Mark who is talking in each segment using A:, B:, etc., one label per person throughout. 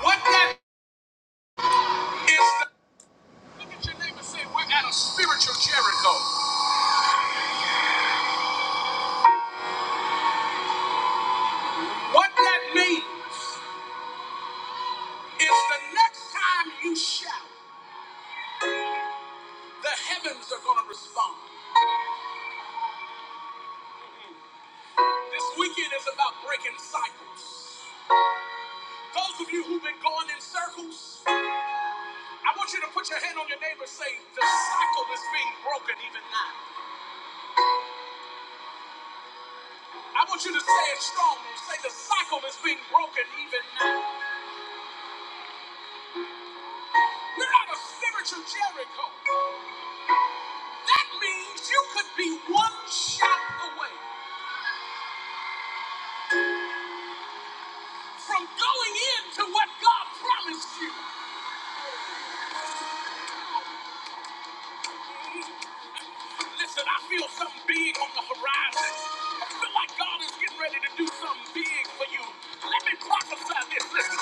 A: What that is, the, look at your neighbor and say, we're at a spiritual Jericho. What that means is the next time you shout, the heavens are going to respond. This weekend is about breaking cycles. Those of you who've been going in circles, I want you to put your hand on your neighbor and say, the cycle is being broken even now. I want you to say it strongly. Say the cycle is being broken even now. We're at a spiritual Jericho. That means you could be one shot away from going into what God promised you. Listen, I feel something big on the horizon. I feel like God is getting ready to do something big for you. Let me prophesy this. Listen.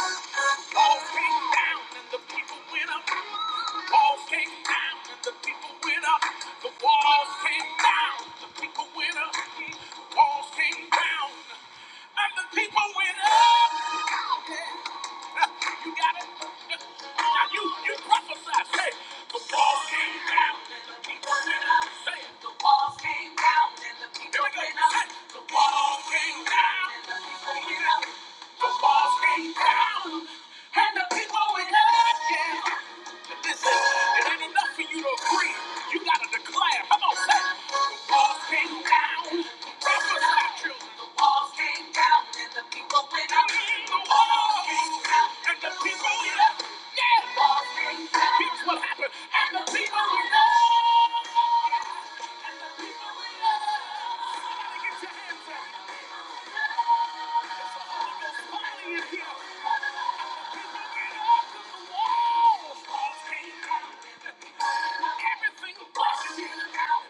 A: Paul came down and the people went up. Paul came down and the people went up. The walls came down. The people went up. The walls came down. And the people went up. you got it? Now you, you prophesy. Say, the walls came down and the people went up. Say it. The walls came down and the people Here we went up. Say it. The walls came down and the people went up. The walls came down and the people went up. Yeah. Listen, it ain't enough for you to agree. You gotta declare. Come on, say. it. The walls came down. Prophesy, children. The walls came down and the people went up. The walls came down and the people went up. Yeah. The walls came down. Here's what happened. And the people went up. And the people went up. Somebody get your hands up. Holy Ghost fire in here. And the people went up 'cause the walls, walls came down. Everything busted out.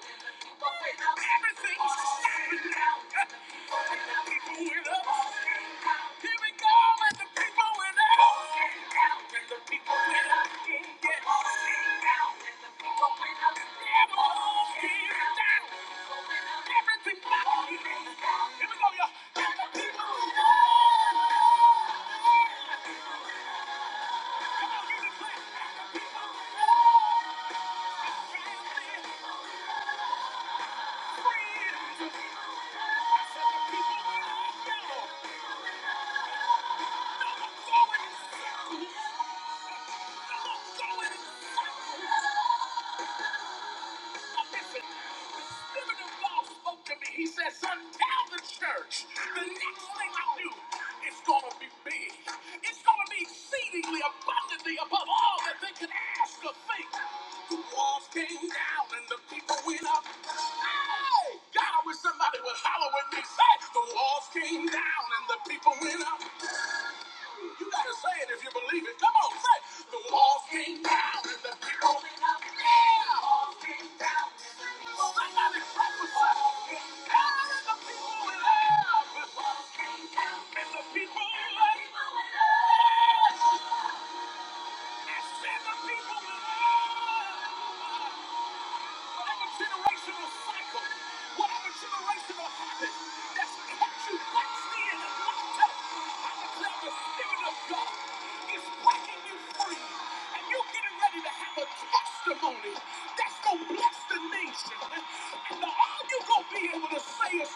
A: Everything shouting out. People went up. Here we go, and the people went up. And the people went up. And the people went up. And all came down. Everything busted. Here we go, y'all. And the people went up. Come on, you can clap. And the people went up. Thank you. But Listen, the Spirit of God spoke to me. He said, Son, tell the church the next thing I do is going to be big. It's going to be exceedingly abundantly above all that they can ask or think. The walls came down and the people went up. Hey! God, I wish somebody would holler with me. Say, the walls came down and the people went up. You gotta say it if you believe it. Come on, say it. The walls came down and the people went up. Yeah. The walls came down. Well, that got it right with us. and the people went up. The walls came down and the people went up. and the people went up. What happened to the racial cycle? What happened to the racial habit that's what kept you boxed in and locked up? I declare the Spirit of God is breaking you free, and you're getting ready to have a testimony that's going to bless the nation. And all you're going to be able to say is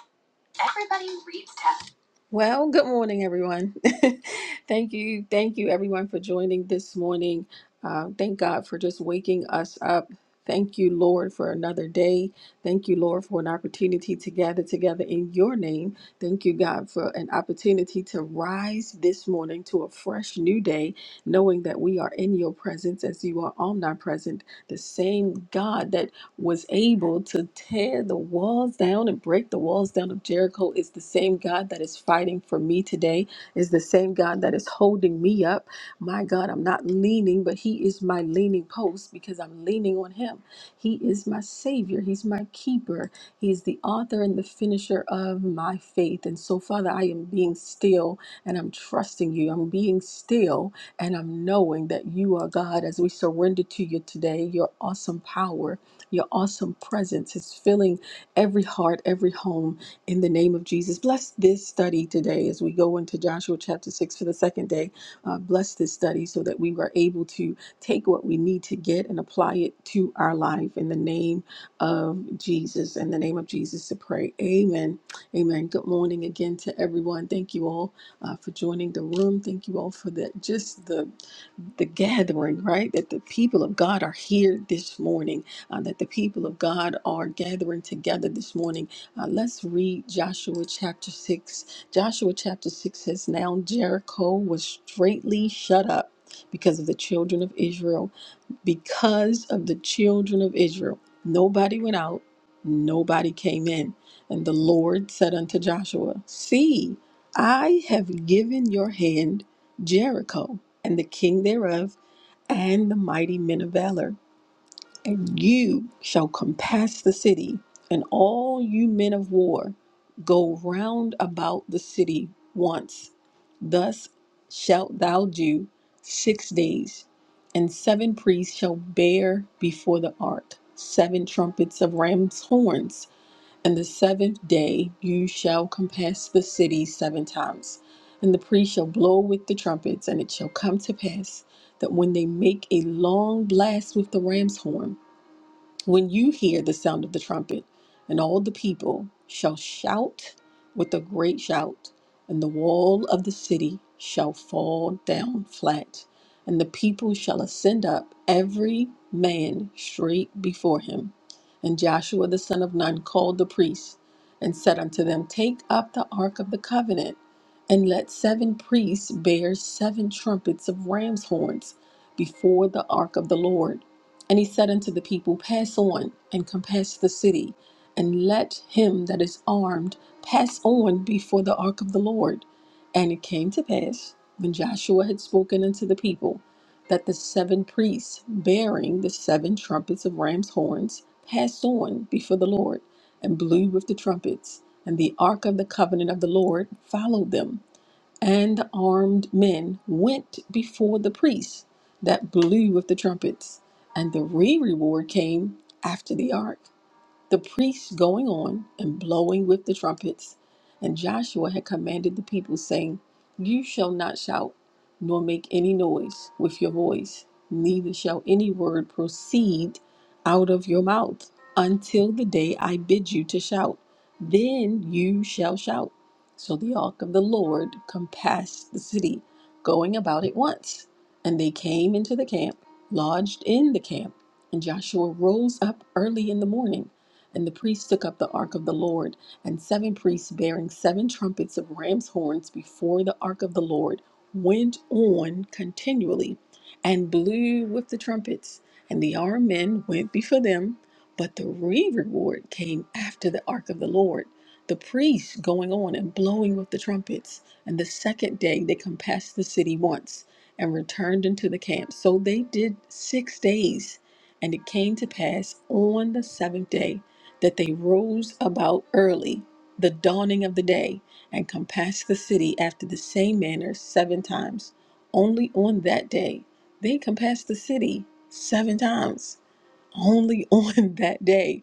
A: Everybody reads Tab. Well, good morning, everyone. thank you. Thank you, everyone, for joining this morning. Uh, thank God for just waking us up. Thank you, Lord, for another day. Thank you, Lord, for an opportunity to gather together in your name. Thank you, God, for an opportunity to rise this morning to a fresh new day, knowing that we are in your presence as you are omnipresent, the same God that was able to tear the walls down and break the walls down of Jericho is the same God that is fighting for me today, is the same God that is holding me up. My God, I'm not leaning, but He is my leaning post because I'm leaning on Him. He is my Savior, He's my keeper, He is the author and the finisher of my faith. And so, Father, I am being still and I'm trusting you. I'm being still and I'm knowing that you are God as we surrender to you today, your awesome power your awesome presence is filling every heart, every home in the name of Jesus. Bless this study today as we go into Joshua chapter 6 for the second day. Uh, bless this study so that we are able to take what we need to get and apply it to our life in the name of Jesus. In the name of Jesus to pray. Amen. Amen. Good morning again to everyone. Thank you all uh, for joining the room. Thank you all for the just the the gathering, right? That the people of God are here this morning uh, that the people of God are gathering together this morning. Uh, let's read Joshua chapter 6. Joshua chapter 6 says, Now Jericho was straightly shut up because of the children of Israel, because of the children of Israel. Nobody went out, nobody came in. And the Lord said unto Joshua, See, I have given your hand Jericho and the king thereof and the mighty men of valor. And you shall compass the city, and all you men of war go round about the city once. Thus shalt thou do six days. And seven priests shall bear before the ark seven trumpets of ram's horns. And the seventh day you shall compass the city seven times. And the priests shall blow with the trumpets, and it shall come to pass that when they make a long blast with the ram's horn, when you hear the sound of the trumpet, and all the people shall shout with a great shout, and the wall of the city shall fall down flat, and the people shall ascend up, every man straight before him. And Joshua the son of Nun called the priests and said unto them, Take up the ark of the covenant, and let seven priests bear seven trumpets of ram's horns before the ark of the Lord and he said unto the people, Pass on and compass the city, and let him that is armed pass on before the ark of the Lord. And it came to pass, when Joshua had spoken unto the people, that the seven priests, bearing the seven trumpets of ram's horns, passed on before the Lord, and blew with the trumpets. And the ark of the covenant of the Lord followed them and the armed men went before the priests that blew with the trumpets, and the re reward came after the ark the priests going on and blowing with the trumpets. And Joshua had commanded the people, saying, You shall not shout, nor make any noise with your voice, neither shall any word proceed out of your mouth until the day I bid you to shout. Then you shall shout. So the ark of the Lord compassed the city, going about it once. And they came into the camp, lodged in the camp. And Joshua rose up early in the morning and the priests took up the ark of the Lord, and seven priests bearing seven trumpets of ram's horns before the ark of the Lord went on continually and blew with the trumpets. And the armed men went before them, but the reward came after the ark of the Lord. The priests going on and blowing with the trumpets. And the second day they compassed the city once and returned into the camp. So they did six days. And it came to pass on the seventh day that they rose about early, the dawning of the day, and compassed the city after the same manner seven times. Only on that day. They compassed the city seven times. Only on that day.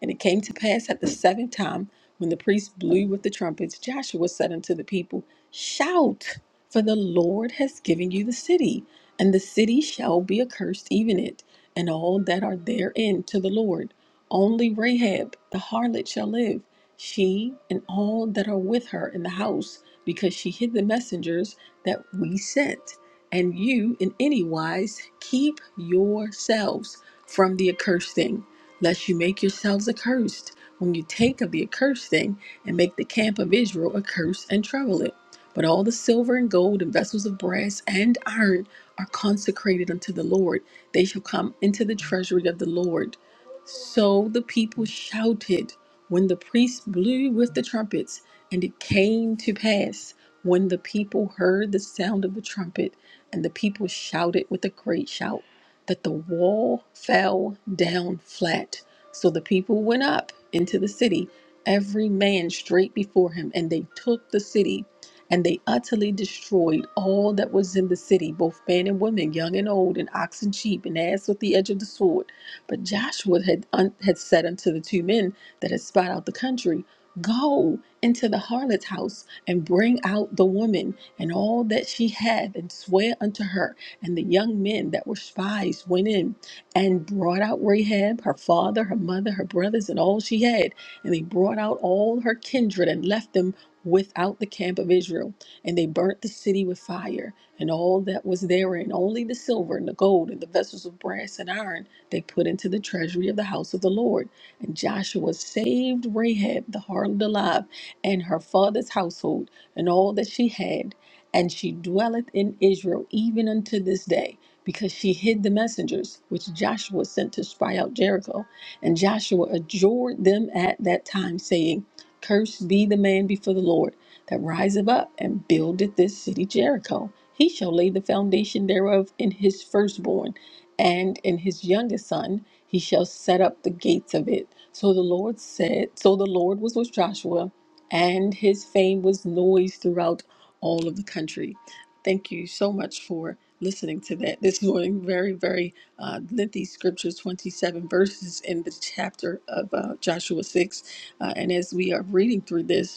A: And it came to pass at the seventh time, when the priests blew with the trumpets, Joshua said unto the people, Shout, for the Lord has given you the city, and the city shall be accursed, even it, and all that are therein to the Lord. Only Rahab the harlot shall live, she and all that are with her in the house, because she hid the messengers that we sent. And you in any wise keep yourselves from the accursed thing lest you make yourselves accursed when you take of the accursed thing and make the camp of Israel accursed and trouble it. But all the silver and gold and vessels of brass and iron are consecrated unto the Lord. They shall come into the treasury of the Lord. So the people shouted when the priests blew with the trumpets, and it came to pass when the people heard the sound of the trumpet, and the people shouted with a great shout that the wall fell down flat. So the people went up into the city, every man straight before him, and they took the city. And they utterly destroyed all that was in the city, both man and woman, young and old, and ox and sheep, and ass with the edge of the sword. But Joshua had, un- had said unto the two men that had spied out the country, Go into the harlot's house and bring out the woman and all that she hath, and swear unto her and the young men that were spies went in and brought out Rahab, her father, her mother, her brothers, and all she had. And they brought out all her kindred and left them without the camp of Israel. And they burnt the city with fire and all that was therein, only the silver and the gold and the vessels of brass and iron they put into the treasury of the house of the Lord. And Joshua saved Rahab the harlot alive and her father's household and all that she had and she dwelleth in Israel even unto this day, because she hid the messengers which Joshua sent to spy out Jericho. And Joshua adjured them at that time, saying, Cursed be the man before the Lord that riseth up and buildeth this city Jericho. He shall lay the foundation thereof in his firstborn, and in his youngest son he shall set up the gates of it. So the Lord said, So the Lord was with Joshua and his fame was noised throughout all of the country. Thank you so much for listening to that this morning. Very, very uh, lengthy scripture, 27 verses in the chapter of uh, Joshua 6. Uh, and as we are reading through this,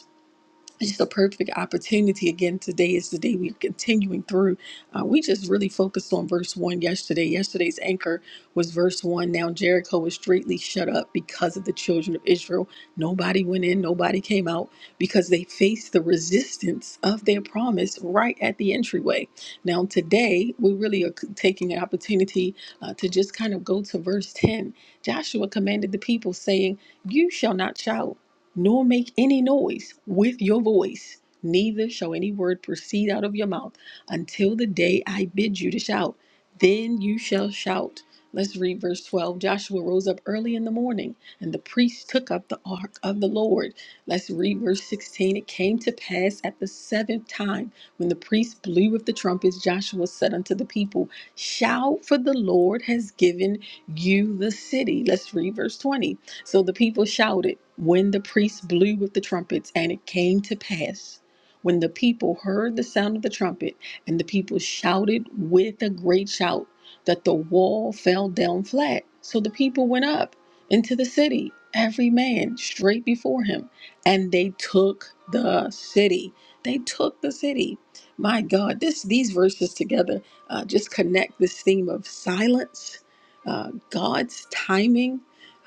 A: it's just a perfect opportunity again today is the day we're continuing through uh, we just really focused on verse one yesterday yesterday's anchor was verse one now jericho was straightly shut up because of the children of israel nobody went in nobody came out because they faced the resistance of their promise right at the entryway now today we really are taking an opportunity uh, to just kind of go to verse 10 joshua commanded the people saying you shall not shout nor make any noise with your voice, neither shall any word proceed out of your mouth until the day I bid you to shout. Then you shall shout. Let's read verse 12. Joshua rose up early in the morning, and the priests took up the ark of the Lord. Let's read verse 16. It came to pass at the seventh time, when the priests blew with the trumpets, Joshua said unto the people, Shout, for the Lord has given you the city. Let's read verse 20. So the people shouted when the priests blew with the trumpets, and it came to pass when the people heard the sound of the trumpet, and the people shouted with a great shout, that the wall fell down flat. So the people went up into the city, every man straight before him, and they took the city. They took the city. My God, this these verses together uh, just connect this theme of silence, uh, God's timing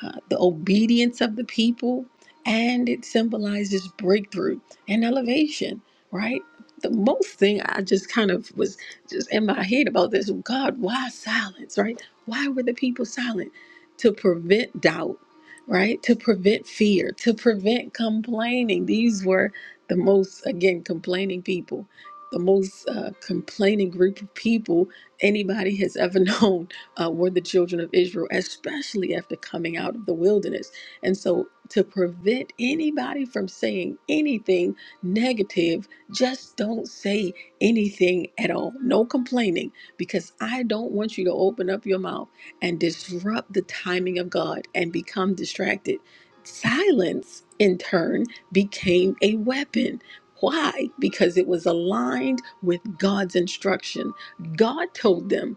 A: uh, the obedience of the people, and it symbolizes breakthrough and elevation, right? The most thing I just kind of was just in my head about this God, why silence, right? Why were the people silent? To prevent doubt, right? To prevent fear, to prevent complaining. These were the most, again, complaining people, the most uh, complaining group of people anybody has ever known uh, were the children of Israel, especially after coming out of the wilderness. And so, to prevent anybody from saying anything negative, just don't say anything at all. No complaining, because I don't want you to open up your mouth and disrupt the timing of God and become distracted. Silence, in turn, became a weapon. Why? Because it was aligned with God's instruction. God told them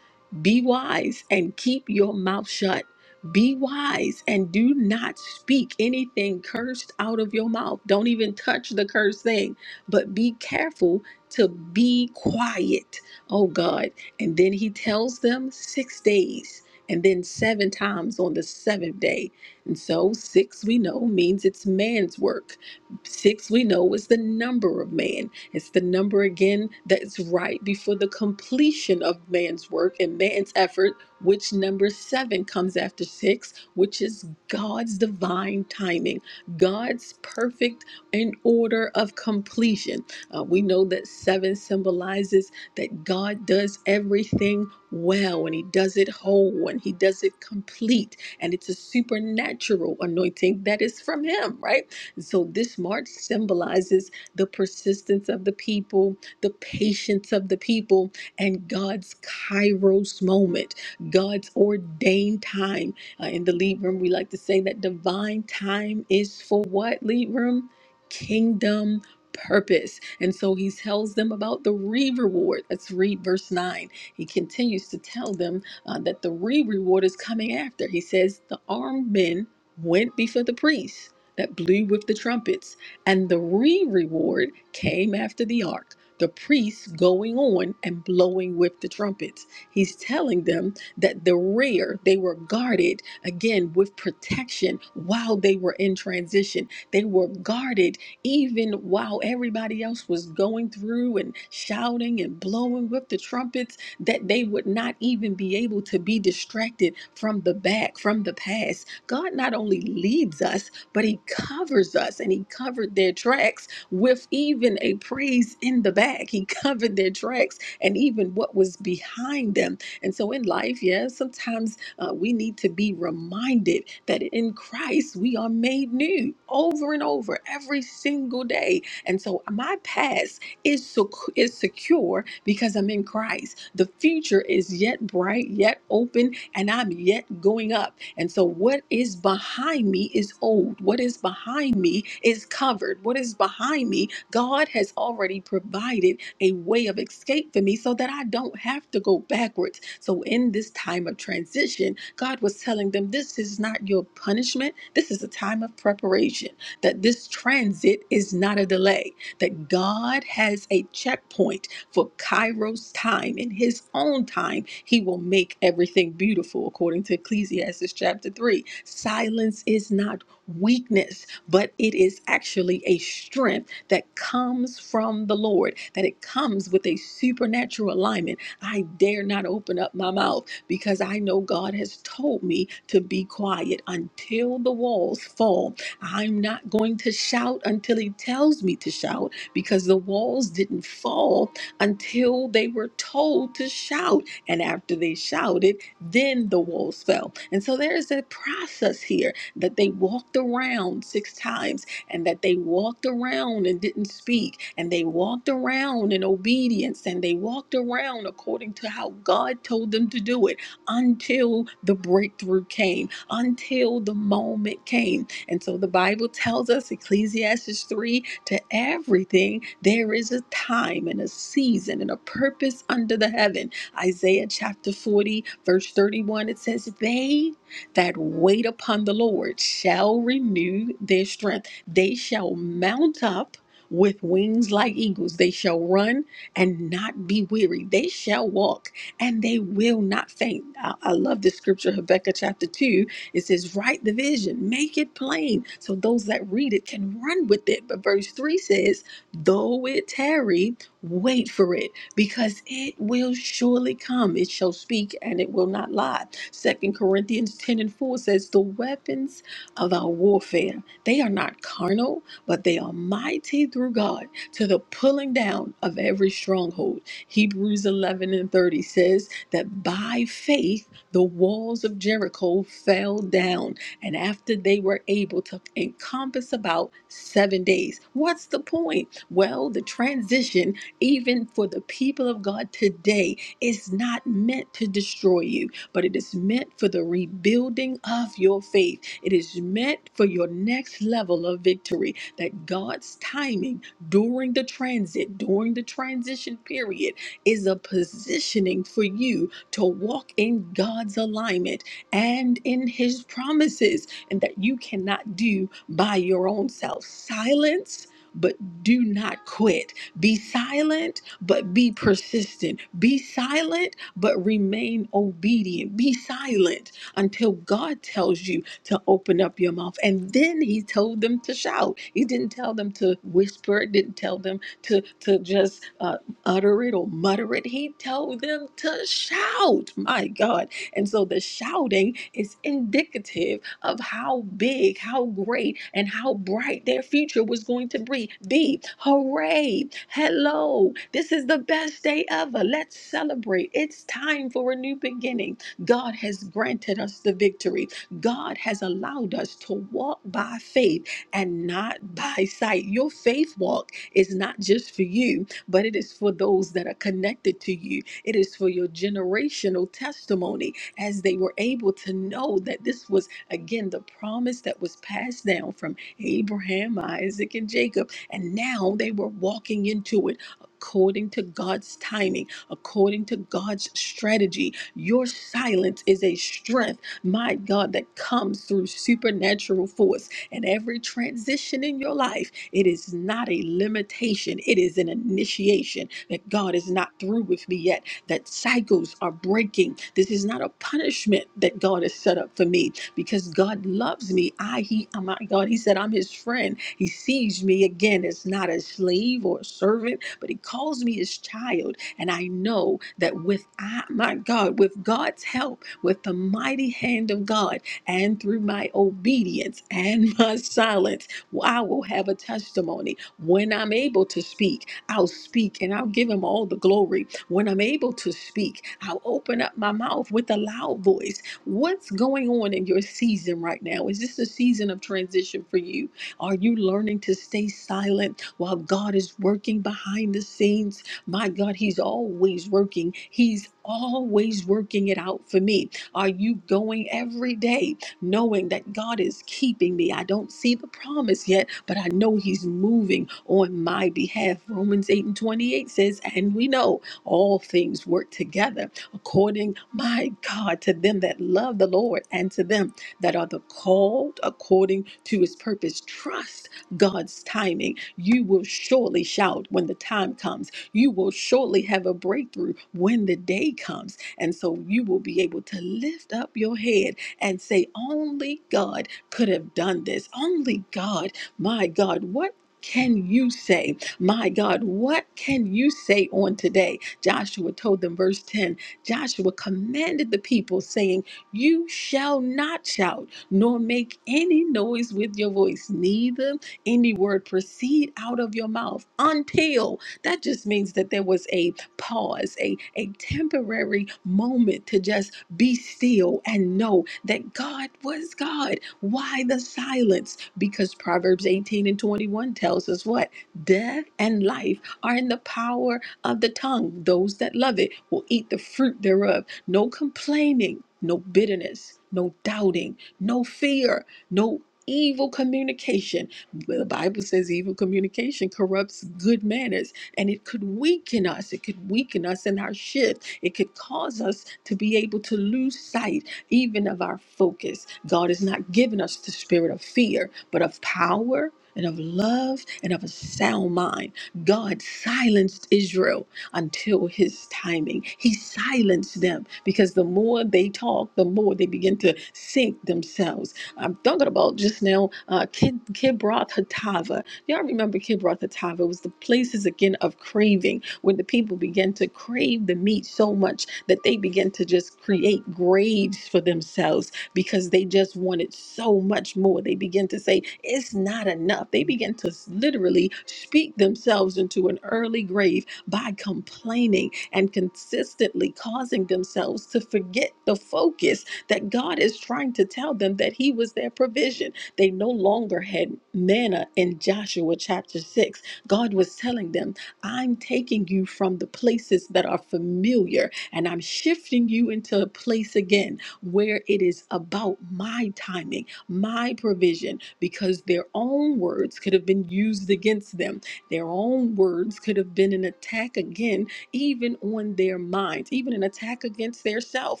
A: be wise and keep your mouth shut. Be wise and do not speak anything cursed out of your mouth. Don't even touch the cursed thing, but be careful to be quiet. Oh God. And then he tells them six days and then seven times on the seventh day. And so six we know means it's man's work. Six we know is the number of man. It's the number again that's right before the completion of man's work and man's effort, which number seven comes after six, which is God's divine timing, God's perfect and order of completion. Uh, we know that seven symbolizes that God does everything well and He does it whole and He does it complete. And it's a supernatural anointing that is from Him, right? And so this march symbolizes the persistence of the people, the patience of the people, and God's kairos moment, God's ordained time. Uh, in the lead room, we like to say that divine time is for what, lead room? Kingdom purpose. And so he tells them about the re reward. Let's read verse 9. He continues to tell them uh, that the re reward is coming after. He says, The armed men went before the priests that blew with the trumpets. And the re reward came after the ark, the priests going on and blowing with the trumpets. He's telling them that the rear, they were guarded again with protection while they were in transition. They were guarded even while everybody else was going through and shouting and blowing with the trumpets, that they would not even be able to be distracted from the back, from the past. God not only leads us, but he covers us and he covered their tracks with even a praise in the back. He covered their tracks and even what was behind them. And so in life, yeah, sometimes uh, we need to be reminded that in Christ we are made new over and over every single day. And so my past is sec- is secure because I'm in Christ. The future is yet bright, yet open, and I'm yet going up and so, what is behind me is old. What is behind me is covered. What is behind me, God has already provided a way of escape for me so that I don't have to go backwards. So, in this time of transition, God was telling them, This is not your punishment. This is a time of preparation, that this transit is not a delay, that God has a checkpoint for Kairos time, in his own time, he will make everything beautiful, according to Ecclesiastes chapter 3. Silence is not weakness, but it is actually a strength that comes from the Lord, that it comes with a supernatural alignment. I dare not open up my mouth because I know God has told me to be quiet until the walls fall. I'm not going to shout until He tells me to shout because the walls didn't fall until they were told to shout. And after they shouted, then the walls fell. And so there is a process here that they walked around six times and that they walked around and didn't speak and they walked around in obedience and they walked around according to how God told them to do it until the breakthrough came, until the moment came and so the Bible tells us, Ecclesiastes 3, to everything there is a time and a season and a purpose under the heaven. Isaiah chapter 40, verse 31, it says, They that wait upon the Lord shall renew their strength. They shall mount up with wings like eagles. They shall run and not be weary. They shall walk and they will not faint. I, I love this scripture, Habakkuk chapter 2 it says, Write the vision, make it plain, so those that read it can run with it. But verse 3 says, Though it tarry, wait for it, because it will surely come. It shall speak and it will not lie. Second Corinthians 10 and 4 says, The weapons of our warfare, they are not carnal, but they are mighty through God to the pulling down of every stronghold. Hebrews 11 and 30 says that by faith, the walls of Jericho fell down, and after they were able to encompass about seven days. What's the point? Well, the transition, even for the people of God today, is not meant to destroy you, but it is meant for the rebuilding of your faith. It is meant for your next level of victory. That God's timing during the transit, during the transition period, is a positioning for you to walk in God's alignment and in His promises, and that you cannot do by your own self. Silence. But do not quit. Be silent, but be persistent. Be silent, but remain obedient. Be silent until God tells you to open up your mouth. And then he told them to shout. He didn't tell them to whisper. Didn't tell them to to just. uh, utter it or mutter it. He told them to shout, my God. And so the shouting is indicative of how big, how great, and how bright their future was going to be. Be hooray, hello, this is the best day ever. Let's celebrate. It's time for a new beginning. God has granted us the victory. God has allowed us to walk by faith and not by sight. Your faith walk is not just for you but it is for those that are connected to you. It is for your generational testimony as they were able to know that this was, again, the promise that was passed down from Abraham, Isaac, and Jacob. And now they were walking into it according to God's timing, according to God's strategy. Your silence is a strength, my God, that comes through supernatural force. And every transition in your life, it is not a limitation, it is an initiation that God is not through with me yet, that cycles are breaking. This is not a punishment that God has set up for me because God loves me. I, He, oh my God, He said, I'm His friend. He sees me again as not a slave or a servant, but He calls me His child. And I know that with, I, my God, with God's help, with the mighty hand of God, and through my obedience and my silence, I will have a testimony. When I'm able to speak, I'll speak and I'll give him all the glory. When I'm able to speak, I'll open up my mouth with a loud voice. What's going on in your season right now? Is this a season of transition for you? Are you learning to stay silent while God is working behind the scenes? My God, He's always working. He's always working it out for me. Are you going every day? knowing that God is keeping me. I don't see the promise yet, but I know He's moving on my behalf. Romans 8 and 28 says, And we know all things work together according, my God, to them that love the Lord and to them that are the called according to His purpose. Trust God's timing. You will surely shout when the time comes. You will surely have a breakthrough when the day comes. And so you will be able to lift up your head and say, Only God could have done this. Only God, my God, what can you say? My God, what can you say on today? Joshua told them, verse 10 Joshua commanded the people, saying, You shall not shout, nor make any noise with your voice, neither any word proceed out of your mouth until. That just means that there was a pause, a, a temporary moment to just be still and know that God was God. Why the silence? Because Proverbs 18 and 21 tells us what? Death and life are in the power of the tongue. Those that love it will eat the fruit thereof. No complaining, no bitterness, no doubting, no fear, no evil communication. The Bible says evil communication corrupts good manners and it could weaken us. It could weaken us in our shift. It could cause us to be able to lose sight even of our focus. God has not given us the spirit of fear, but of power. And of love and of a sound mind. God silenced Israel until his timing. He silenced them because the more they talk, the more they begin to sink themselves. I'm talking about just now uh, Kid, Kibroth Hatava. Y'all remember Kibroth Hatava? It was the places again of craving when the people began to crave the meat so much that they began to just create graves for themselves because they just wanted so much more. They began to say, It's not enough. They began to s- literally speak themselves into an early grave by complaining and consistently causing themselves to forget the focus that God is trying to tell them that He was their provision they no longer had manna in Joshua chapter 6. God was telling them, I'm taking you from the places that are familiar and I'm shifting you into a place again where it is about my timing, my provision, because their own words could have been used against them. Their own words could have been an attack again, even on their minds, even an attack against their self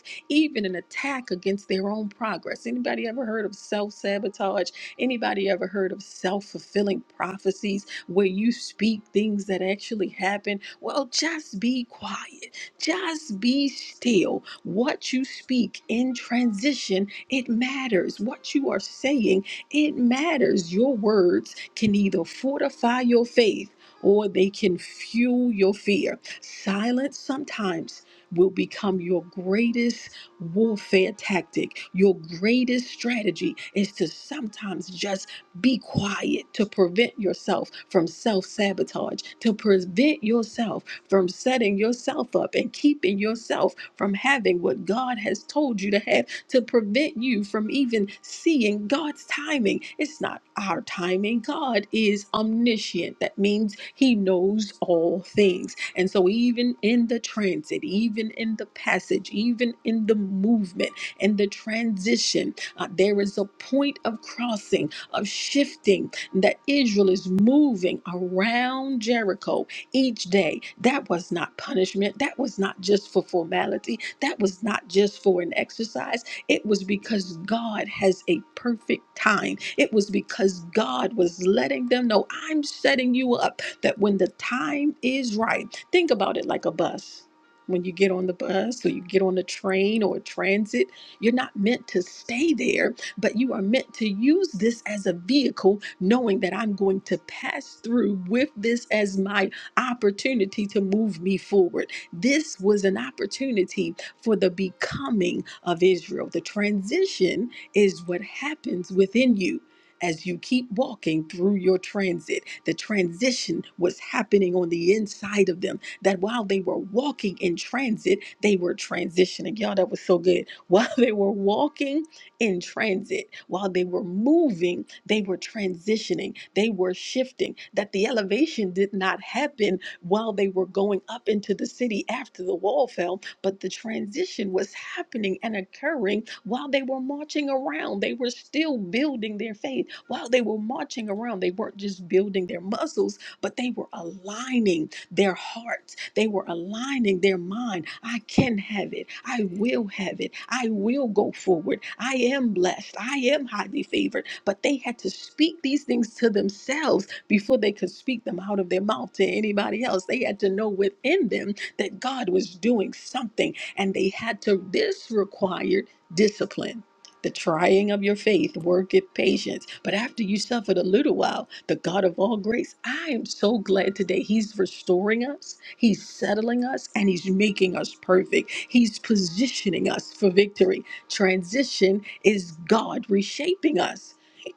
A: even an attack against their own progress. Anybody ever heard of self-sabotage? Anybody ever heard of self-fulfilling prophecies where you speak things that actually happen? Well, just be quiet. Just be still. What you speak in transition, it matters. What you are saying, it matters. Your words can either fortify your faith or they can fuel your fear. Silence sometimes will become your greatest warfare tactic. Your greatest strategy is to sometimes just be quiet to prevent yourself from self sabotage, to prevent yourself from setting yourself up and keeping yourself from having what God has told you to have to prevent you from even seeing God's timing. It's not our timing. God is omniscient. That means he knows all things. And so, even in the transit, even in the passage, even in the movement and the transition, uh, there is a point of crossing, of shifting that Israel is moving around Jericho each day. That was not punishment. That was not just for formality. That was not just for an exercise. It was because God has a perfect time. It was because God was letting them know I'm setting you up that when the time is right, think about it like a bus. When you get on the bus or you get on the train or transit, you're not meant to stay there, but you are meant to use this as a vehicle, knowing that I'm going to pass through with this as my opportunity to move me forward. This was an opportunity for the becoming of Israel. The transition is what happens within you. As you keep walking through your transit, the transition was happening on the inside of them. That while they were walking in transit, they were transitioning. Y'all, that was so good. While they were walking in transit, while they were moving they were transitioning, they were shifting, that the elevation did not happen while they were going up into the city after the wall fell, but the transition was happening and occurring while they were marching around. They were still building their faith. While they were marching around, they weren't just building their muscles, but they were aligning their hearts. They were aligning their mind. I can have it. I will have it. I will go forward. I am blessed. I am highly favored but they had to speak these things to themselves before they could speak them out of their mouth to anybody else. They had to know within them that God was doing something, and they had to, this required discipline. The trying of your faith worketh patience. But after you suffered a little while, the God of all grace, I am so glad today. He's restoring us, He's settling us, and He's making us perfect. He's positioning us for victory. Transition is God reshaping us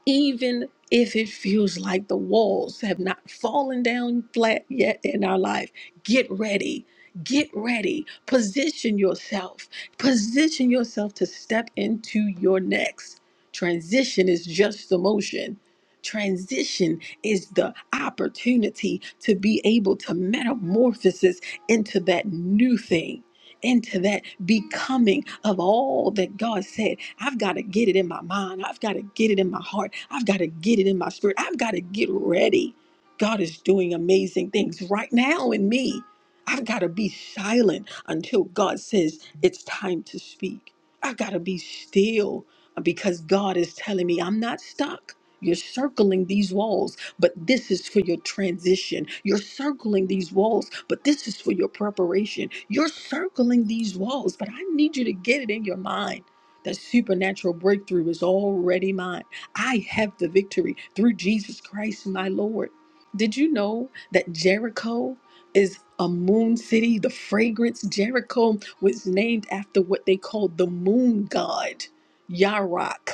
A: even if it feels like the walls have not fallen down flat yet in our life, get ready. Get ready. Position yourself. Position yourself to step into your next. Transition is just the motion. Transition is the opportunity to be able to metamorphosis into that new thing into that becoming of all that God said. I've got to get it in my mind. I've got to get it in my heart. I've got to get it in my spirit. I've got to get ready. God is doing amazing things right now in me. I've got to be silent until God says it's time to speak. I've got to be still because God is telling me I'm not stuck. You're circling these walls but this is for your transition. You're circling these walls, but this is for your preparation. You're circling these walls, but I need you to get it in your mind. That supernatural breakthrough is already mine. I have the victory through Jesus Christ, my Lord. Did you know that Jericho is a moon city? The fragrance Jericho was named after what they called the moon god, Yarok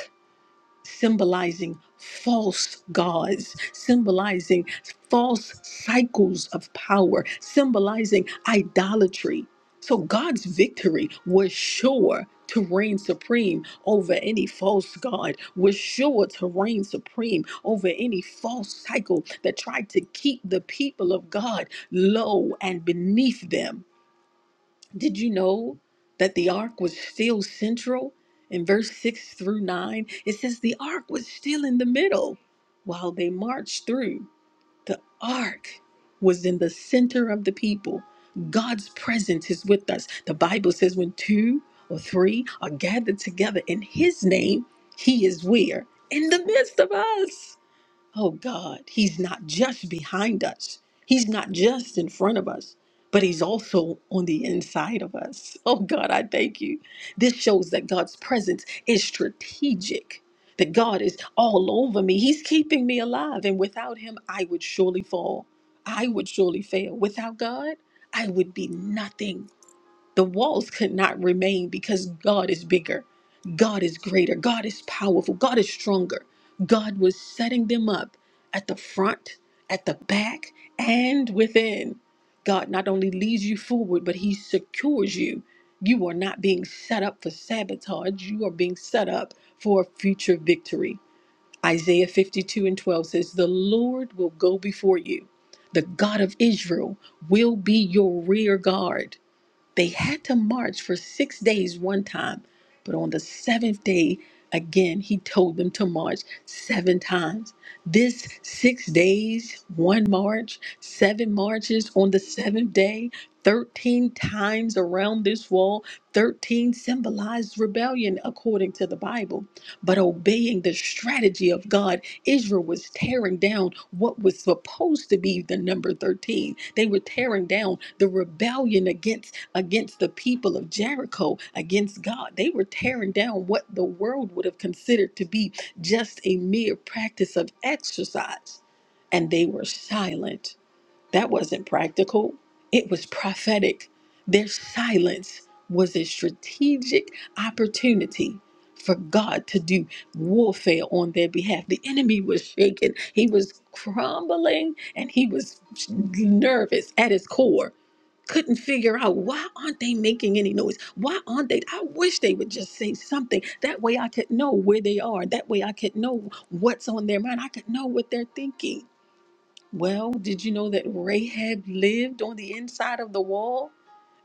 A: symbolizing false gods, symbolizing false cycles of power, symbolizing idolatry. So God's victory was sure to reign supreme over any false god, was sure to reign supreme over any false cycle that tried to keep the people of God low and beneath them. Did you know that the ark was still central? In verse 6 through 9, it says the ark was still in the middle while they marched through. The ark was in the center of the people. God's presence is with us. The Bible says when two or three are gathered together in his name, he is where? In the midst of us. Oh God, He's not just behind us, He's not just in front of us, but He's also on the inside of us. Oh God, I thank you. This shows that God's presence is strategic. That God is all over me. He's keeping me alive. And without Him, I would surely fall. I would surely fail. Without God, I would be nothing. The walls could not remain because God is bigger, God is greater, God is powerful, God is stronger. God was setting them up at the front, at the back, and within. God not only leads you forward, but He secures you. You are not being set up for sabotage, you are being set up for future victory. Isaiah 52 and 12 says, The Lord will go before you, the God of Israel will be your rear guard. They had to march for six days one time, but on the seventh day, again, he told them to march seven times. This six days, one march, seven marches on the seventh day, 13 times around this wall, 13 symbolized rebellion according to the Bible but obeying the strategy of God, Israel was tearing down what was supposed to be the number 13. They were tearing down the rebellion against against the people of Jericho, against God. They were tearing down what the world would have considered to be just a mere practice of exercise. And they were silent that wasn't practical, it was prophetic. Their silence was a strategic opportunity for God to do warfare on their behalf. The enemy was shaken, he was crumbling, and he was nervous at his core. Couldn't figure out why aren't they making any noise? Why aren't they? I wish they would just say something. That way I could know where they are. That way I could know what's on their mind. I could know what they're thinking. Well, did you know that Rahab lived on the inside of the wall?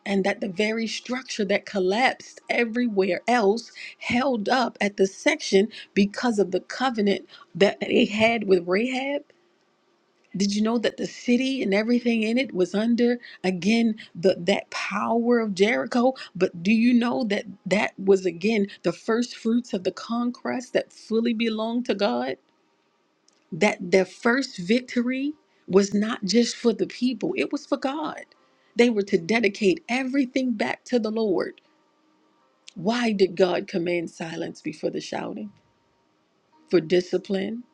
A: And that the very structure that collapsed everywhere else held up at the section because of the covenant that they had with Rahab? Did you know that the city and everything in it was under again the that power of Jericho? But do you know that that was again the first fruits of the conquest that fully belonged to God? that their first victory was not just for the people, it was for God. They were to dedicate everything back to the Lord. Why did God command silence before the shouting? For discipline,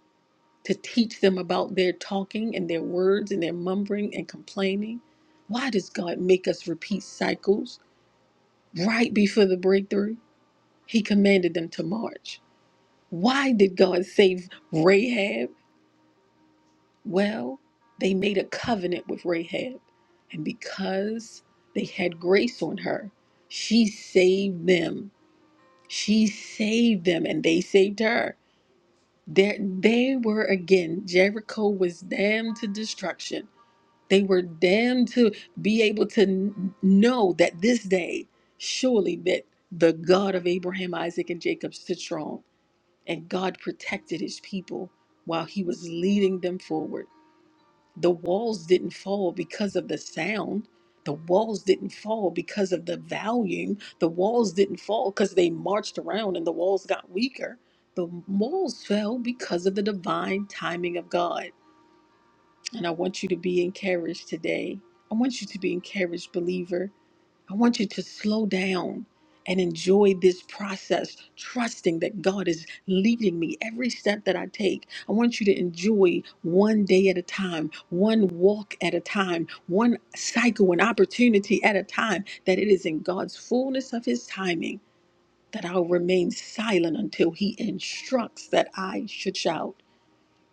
A: to teach them about their talking and their words and their mumbling and complaining. Why does God make us repeat cycles right before the breakthrough? He commanded them to march. Why did God save Rahab? Well, they made a covenant with Rahab, and because they had grace on her, she saved them. She saved them, and they saved her. There, they were again. Jericho was damned to destruction. They were damned to be able to n- know that this day, surely that the God of Abraham, Isaac, and Jacob stood strong, and God protected His people while He was leading them forward. The walls didn't fall because of the sound. The walls didn't fall because of the volume. The walls didn't fall because they marched around and the walls got weaker. The walls fell because of the divine timing of God. And I want you to be encouraged today. I want you to be encouraged, believer. I want you to slow down and enjoy this process, trusting that God is leading me every step that I take. I want you to enjoy one day at a time, one walk at a time, one cycle, an opportunity at a time, that it is in God's fullness of His timing that I'll remain silent until He instructs that I should shout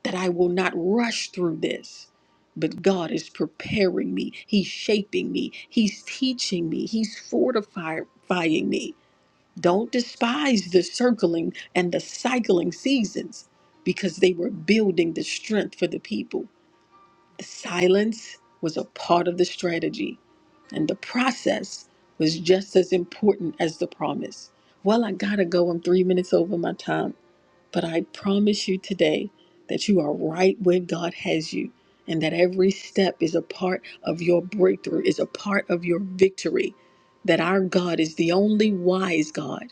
A: that I will not rush through this. But God is preparing me. He's shaping me. He's teaching me. He's fortifying me. Don't despise the circling and the cycling seasons because they were building the strength for the people. Silence was a part of the strategy, and the process was just as important as the promise. Well, I gotta go. I'm three minutes over my time. But I promise you today that you are right where God has you, and that every step is a part of your breakthrough, is a part of your victory. That our God is the only wise God.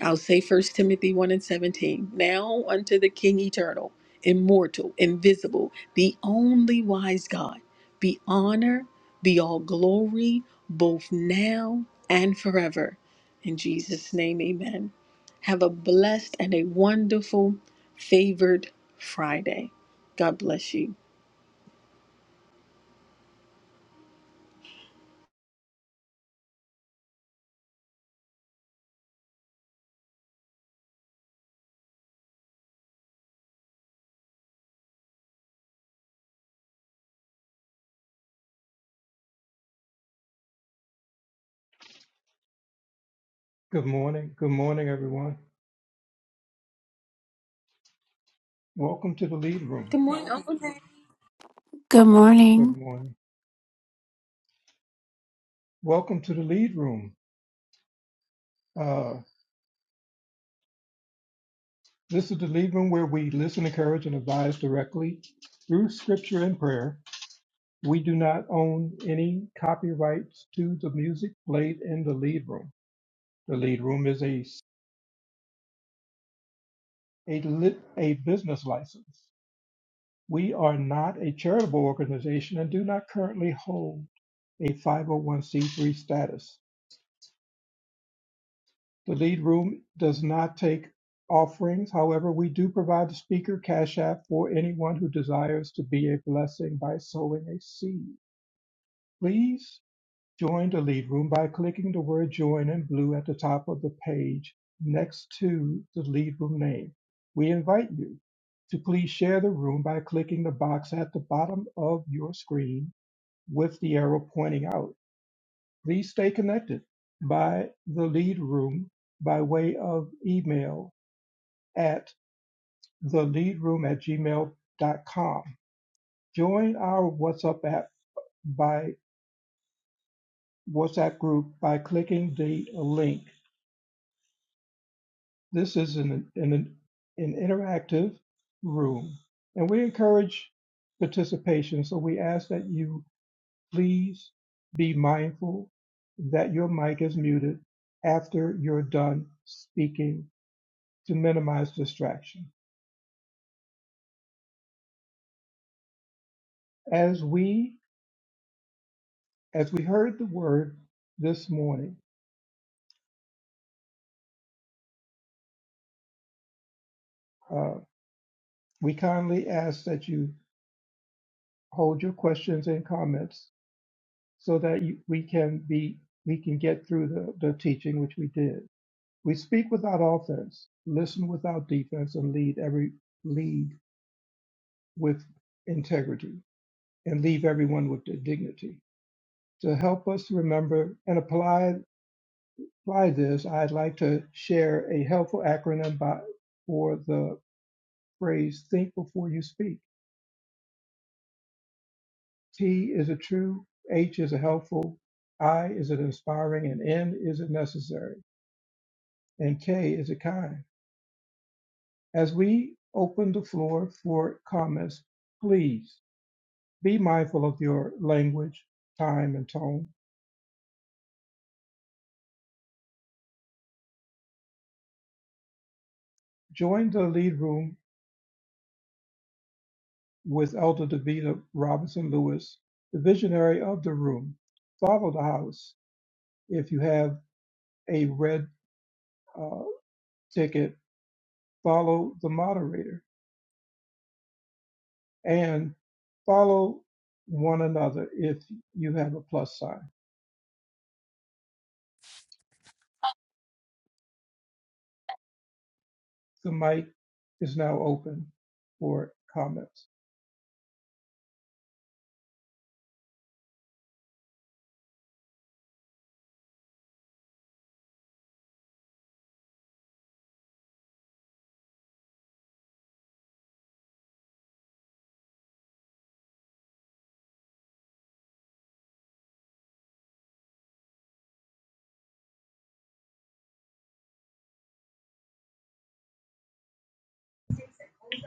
A: I'll say First Timothy 1 and 17. Now unto the King eternal, immortal, invisible, the only wise God, be honor, be all glory, both now and forever. In Jesus' name, amen. Have a blessed and a wonderful, favored Friday. God bless you.
B: Good morning. Good morning, everyone. Welcome to the lead room.
A: Good morning, Uncle Dan.
C: Good
B: Good
C: morning.
B: morning. Welcome to the lead room. Uh, this is the lead room where we listen, encourage, and advise directly through scripture and prayer. We do not own any copyrights to the music played in the lead room. The lead room is a a lit, a business license. We are not a charitable organization and do not currently hold a 501c3 status. The lead room does not take offerings. However, we do provide the speaker cash app for anyone who desires to be a blessing by sowing a seed. Please join the lead room by clicking the word join in blue at the top of the page next to the lead room name. We invite you to please share the room by clicking the box at the bottom of your screen with the arrow pointing out. Please stay connected by the lead room by way of email at theleadroom at gmail.com. Join our WhatsApp app by WhatsApp group by clicking the link. This is an, an, an interactive room and we encourage participation. So we ask that you please be mindful that your mic is muted after you're done speaking to minimize distraction. As we as we heard the word this morning, uh, we kindly ask that you hold your questions and comments so that you, we can be we can get through the, the teaching which we did. We speak without offense, listen without defense, and lead every lead with integrity, and leave everyone with their dignity. To help us remember and apply apply this, I'd like to share a helpful acronym by, for the phrase think before you speak. T is a true, H is a helpful, I is an inspiring, and N is it necessary, and K is a kind. As we open the floor for comments, please be mindful of your language, time, and tone. Join the lead room with Elder Davita Robinson Lewis, the visionary of the room. Follow the house if you have a red uh, ticket, follow the moderator and follow one another if you have a plus sign. The mic is now open for comments.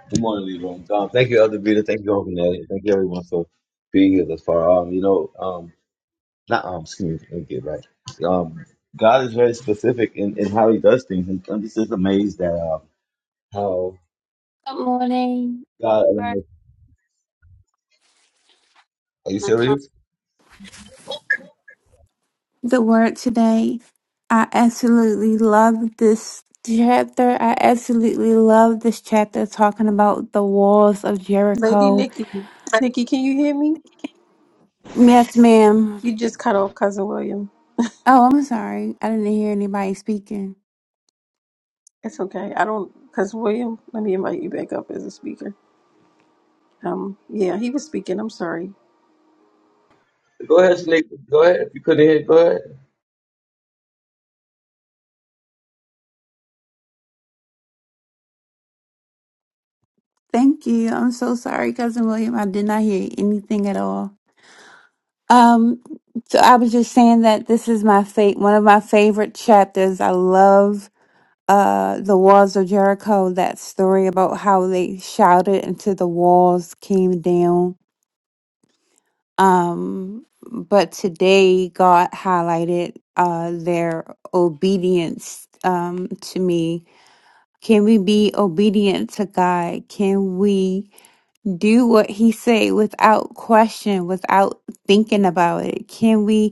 D: Good morning, Leroy. Um, thank you, Elder Vita. Thank you, Uncle Nelly. Thank you, everyone, for being here thus far. Um, you know, um, not um, excuse me, let me get it right. Um, God is very specific in, in how He does things, and I'm just amazed at um, how
C: Good morning.
D: God. allows- Are you
C: my con-
D: serious?
C: The word today. I absolutely love this chapter. I absolutely love this chapter talking about the walls of
A: Lady
C: Jericho.
A: Nikki. Nikki, can you hear me?
C: Yes, ma'am.
A: You just cut off Cousin William.
C: Oh, I'm sorry. I didn't hear anybody speaking.
A: It's okay. I don't, because William, let me invite you back up as a speaker. Um, yeah, he was speaking. I'm sorry.
D: Go ahead, Snake. Go ahead. If you couldn't hear, go ahead.
C: Thank you. I'm so sorry, cousin William. I did not hear anything at all. Um, so I was just saying that this is my fate, one of my favorite chapters. I love uh the walls of Jericho, that story about how they shouted until the walls came down. Um but today God highlighted uh their obedience um to me. Can we be obedient to God? Can we do what he say without question, without thinking about it? Can we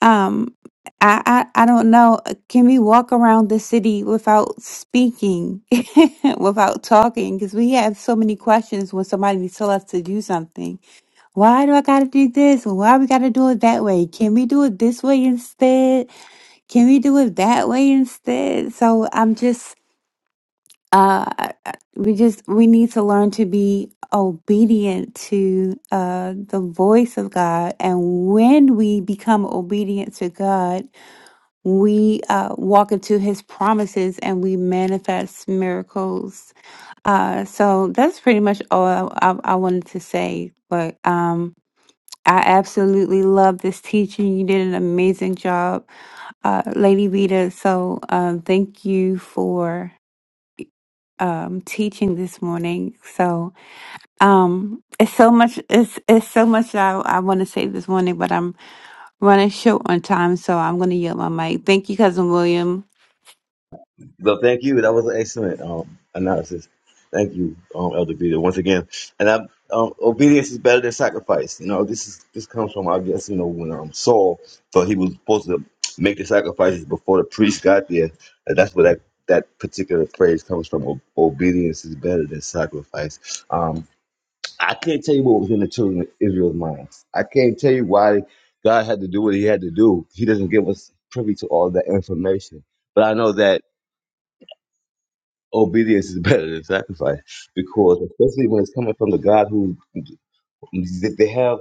C: um, I, I I don't know. uh, Can we walk around the city without speaking, without talking? Because we have so many questions when somebody tell us to do something. Why do I gotta do this? Why we gotta do it that way? Can we do it this way instead? Can we do it that way instead? So I'm just uh, I- I- we just we need to learn to be obedient to uh the voice of God, and when we become obedient to God we uh, walk into his promises and we manifest miracles. Uh, so that's pretty much all I, I, I wanted to say. But um, I absolutely love this teaching. You did an amazing job, uh, Lady Vita. So um, thank you for um, teaching this morning. So um, it's so much. It's it's so much that I, I want to say this morning, but I'm running short on time, so I'm going to yield my mic. Thank you, cousin William.
D: Well, thank you. That was an excellent um, analysis. Thank you, um, Elder Peter, once again. And I, um, obedience is better than sacrifice. You know, this is this comes from I guess you know when um, Saul thought he was supposed to make the sacrifices before the priest got there, and that's where that that particular phrase comes from. O- Obedience is better than sacrifice. Um, I can't tell you what was in the children of Israel's minds. I can't tell you why God had to do what He had to do. He doesn't give us privy to all that information, but I know that obedience is better than sacrifice because especially when it's coming from the God who that they have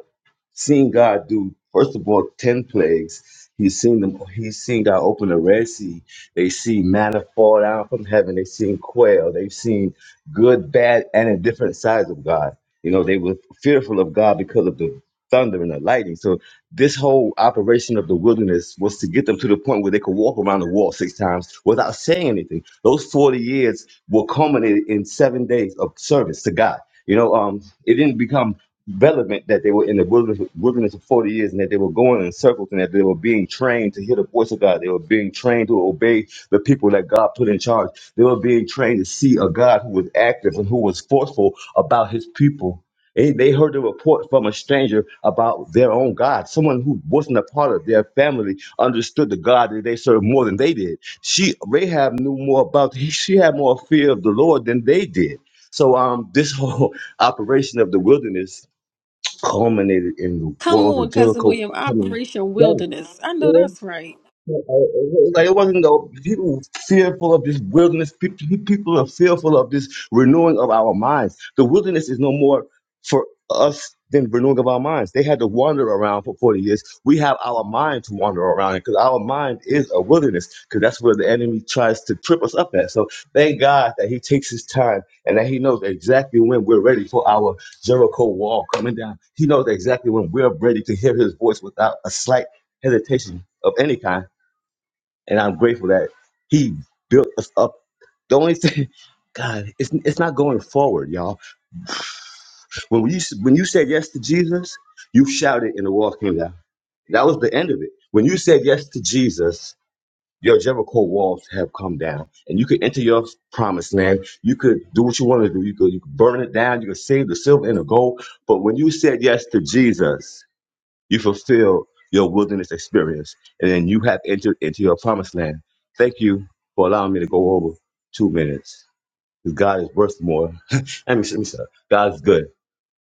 D: seen God do first of all ten plagues. He's seen them. He's seen God open the Red Sea. They see manna fall down from heaven. They've seen quail. They've seen good, bad, and in different sides of God. You know, they were fearful of God because of the thunder and the lightning. So this whole operation of the wilderness was to get them to the point where they could walk around the wall six times without saying anything. Those 40 years were culminated in seven days of service to God. You know, um, it didn't become relevant that they were in the wilderness, wilderness for 40 years and that they were going in circles and that they were being trained to hear the voice of God. They were being trained to obey the people that God put in charge. They were being trained to see a God who was active and who was forceful about his people they, they heard a report from a stranger about their own God. Someone who wasn't a part of their family understood the God that they served more than they did. She Rahab knew more about. She had more fear of the Lord than they did. So um, this whole operation of the wilderness culminated in the
A: Come
D: walls
A: on,
D: of
A: cousin
D: Jericho
A: William.
D: coming
A: Operation
D: down.
A: Wilderness. I
D: You
A: know
D: know?
A: that's right.
D: Like it wasn't though. People were fearful of this wilderness. Pe- pe- People are fearful of this renewing of our minds. The wilderness is no more for us than renewing of our minds. They had to wander around for forty years. We have our mind to wander around because our mind is a wilderness. Because that's where the enemy tries to trip us up at. So thank God that He takes His time and that He knows exactly when we're ready for our Jericho wall coming down. He knows exactly when we're ready to hear His voice without a slight hesitation of any kind and I'm grateful that He built us up. The only thing, God, it's it's not going forward, y'all. When you when you said yes to Jesus, you shouted and the walls came down. That was the end of it. When you said yes to Jesus, your Jericho walls have come down, and you could enter your promised land. You could do what you want to do. You could you could burn it down. You could save the silver and the gold. But when you said yes to Jesus, you fulfill your wilderness experience, and then you have entered into your promised land. Thank you for allowing me to go over two minutes. 'Cause God is worth more. let me let me stop. God is good.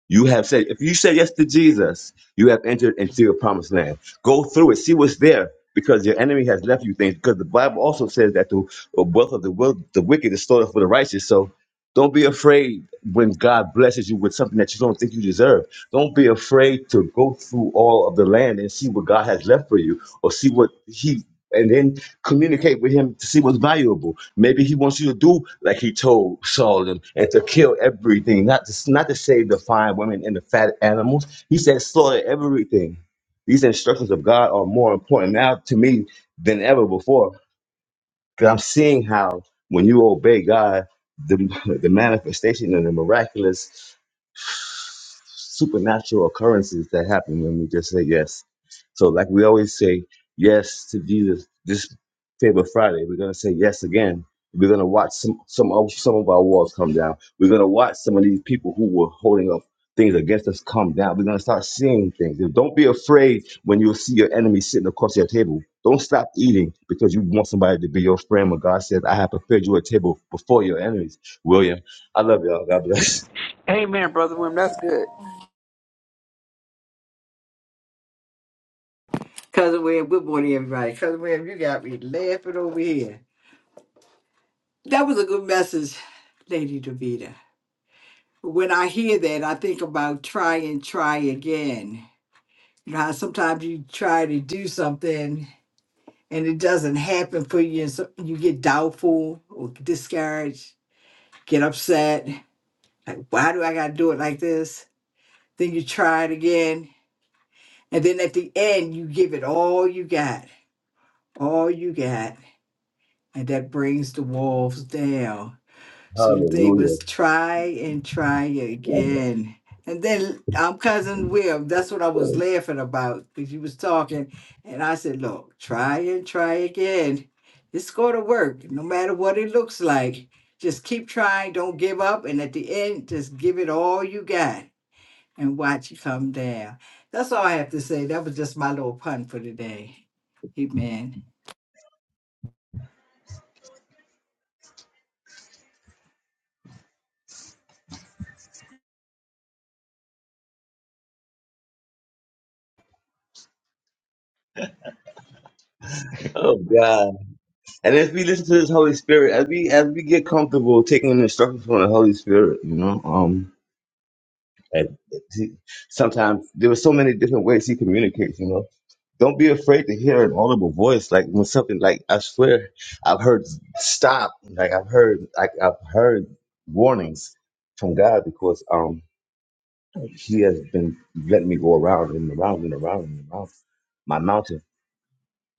D: You have said, if you say yes to Jesus, you have entered into your promised land. Go through it, see what's there, because your enemy has left you things. Because the Bible also says that the wealth of the, will, the wicked is stored up for the righteous. So don't be afraid when God blesses you with something that you don't think you deserve. Don't be afraid to go through all of the land and see what God has left for you or see what He and then communicate with him to see what's valuable. Maybe he wants you to do like he told Saul and, and to kill everything, not to not to save the fine women and the fat animals. He said slaughter everything. These instructions of God are more important now to me than ever before because I'm seeing how when you obey God, the, the manifestation and the miraculous supernatural occurrences that happen when we just say yes. So, like we always say yes to Jesus this Favor Friday, we're gonna say yes again. We're gonna watch some some of some of our walls come down. We're gonna watch some of these people who were holding up things against us come down. We're gonna start seeing things. And Don't be afraid when you see your enemy sitting across your table. Don't stop eating because you want somebody to be your friend. When God says, "I have prepared you a table before your enemies," William, I love y'all. God bless.
E: Amen, Brother Wim. That's good.
F: Cousin William, good morning, everybody. Cousin William, you got me laughing over here. That was a good message, Lady Davida. When I hear that, I think about try and try again. You know how sometimes you try to do something and it doesn't happen for you, and so you get doubtful or discouraged, get upset. Like, why do I got to do it like this? Then you try it again. And then at the end, you give it all you got, all you got. And that brings the walls down So they
D: Hallelujah.
F: was try and try again. And then I'm cousin Will. That's what I was laughing about because you was talking, and I said, "Look, try and try again. It's going to work, no matter what it looks like. Just keep trying. Don't give up. And at the end, just give it all you got, and watch it come down." That's all I have to say. That was just my little pun for today. Amen.
D: Oh God! And as we listen to this Holy Spirit, as we as we get comfortable taking instruction from the Holy Spirit, you know, um, and he- sometimes there were so many different ways He communicates. You know, don't be afraid to hear an audible voice. Like when something like I swear, I've heard stop. Like I've heard, like I've heard warnings from God because um He has been letting me go around and around and around and around my mountain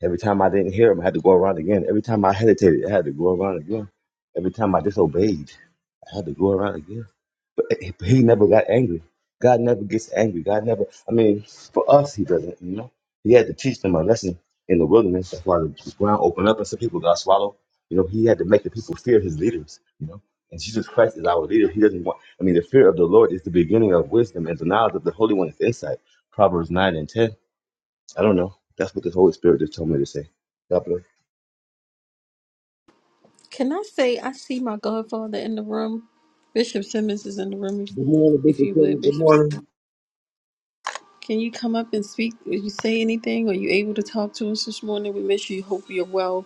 D: Every time I didn't hear him, I had to go around again. Every time I hesitated, I had to go around again. Every time I disobeyed, I had to go around again. But he he never got angry. God never gets angry. God never, I mean, for us, he doesn't, you know. He had to teach them a lesson in the wilderness. That's why the ground opened up and some people got swallowed. You know, he had to make the people fear his leaders, you know. And Jesus Christ is our leader. He doesn't want, I mean, the fear of the Lord is the beginning of wisdom and the knowledge of the Holy One is insight. Proverbs 9 and 10 I don't know. That's what the Holy Spirit just told me to say. God bless.
A: Can I say I see my godfather in the room? Bishop Simmons is in the room. If,
D: Good morning,
A: if
D: Bishop
A: you
D: Kelly.
A: would,
D: Good
A: Bishop, Simmons.
D: morning.
A: can you come up and speak? Did you say anything? Are you able to talk to us this morning? We miss you. Hope you're well.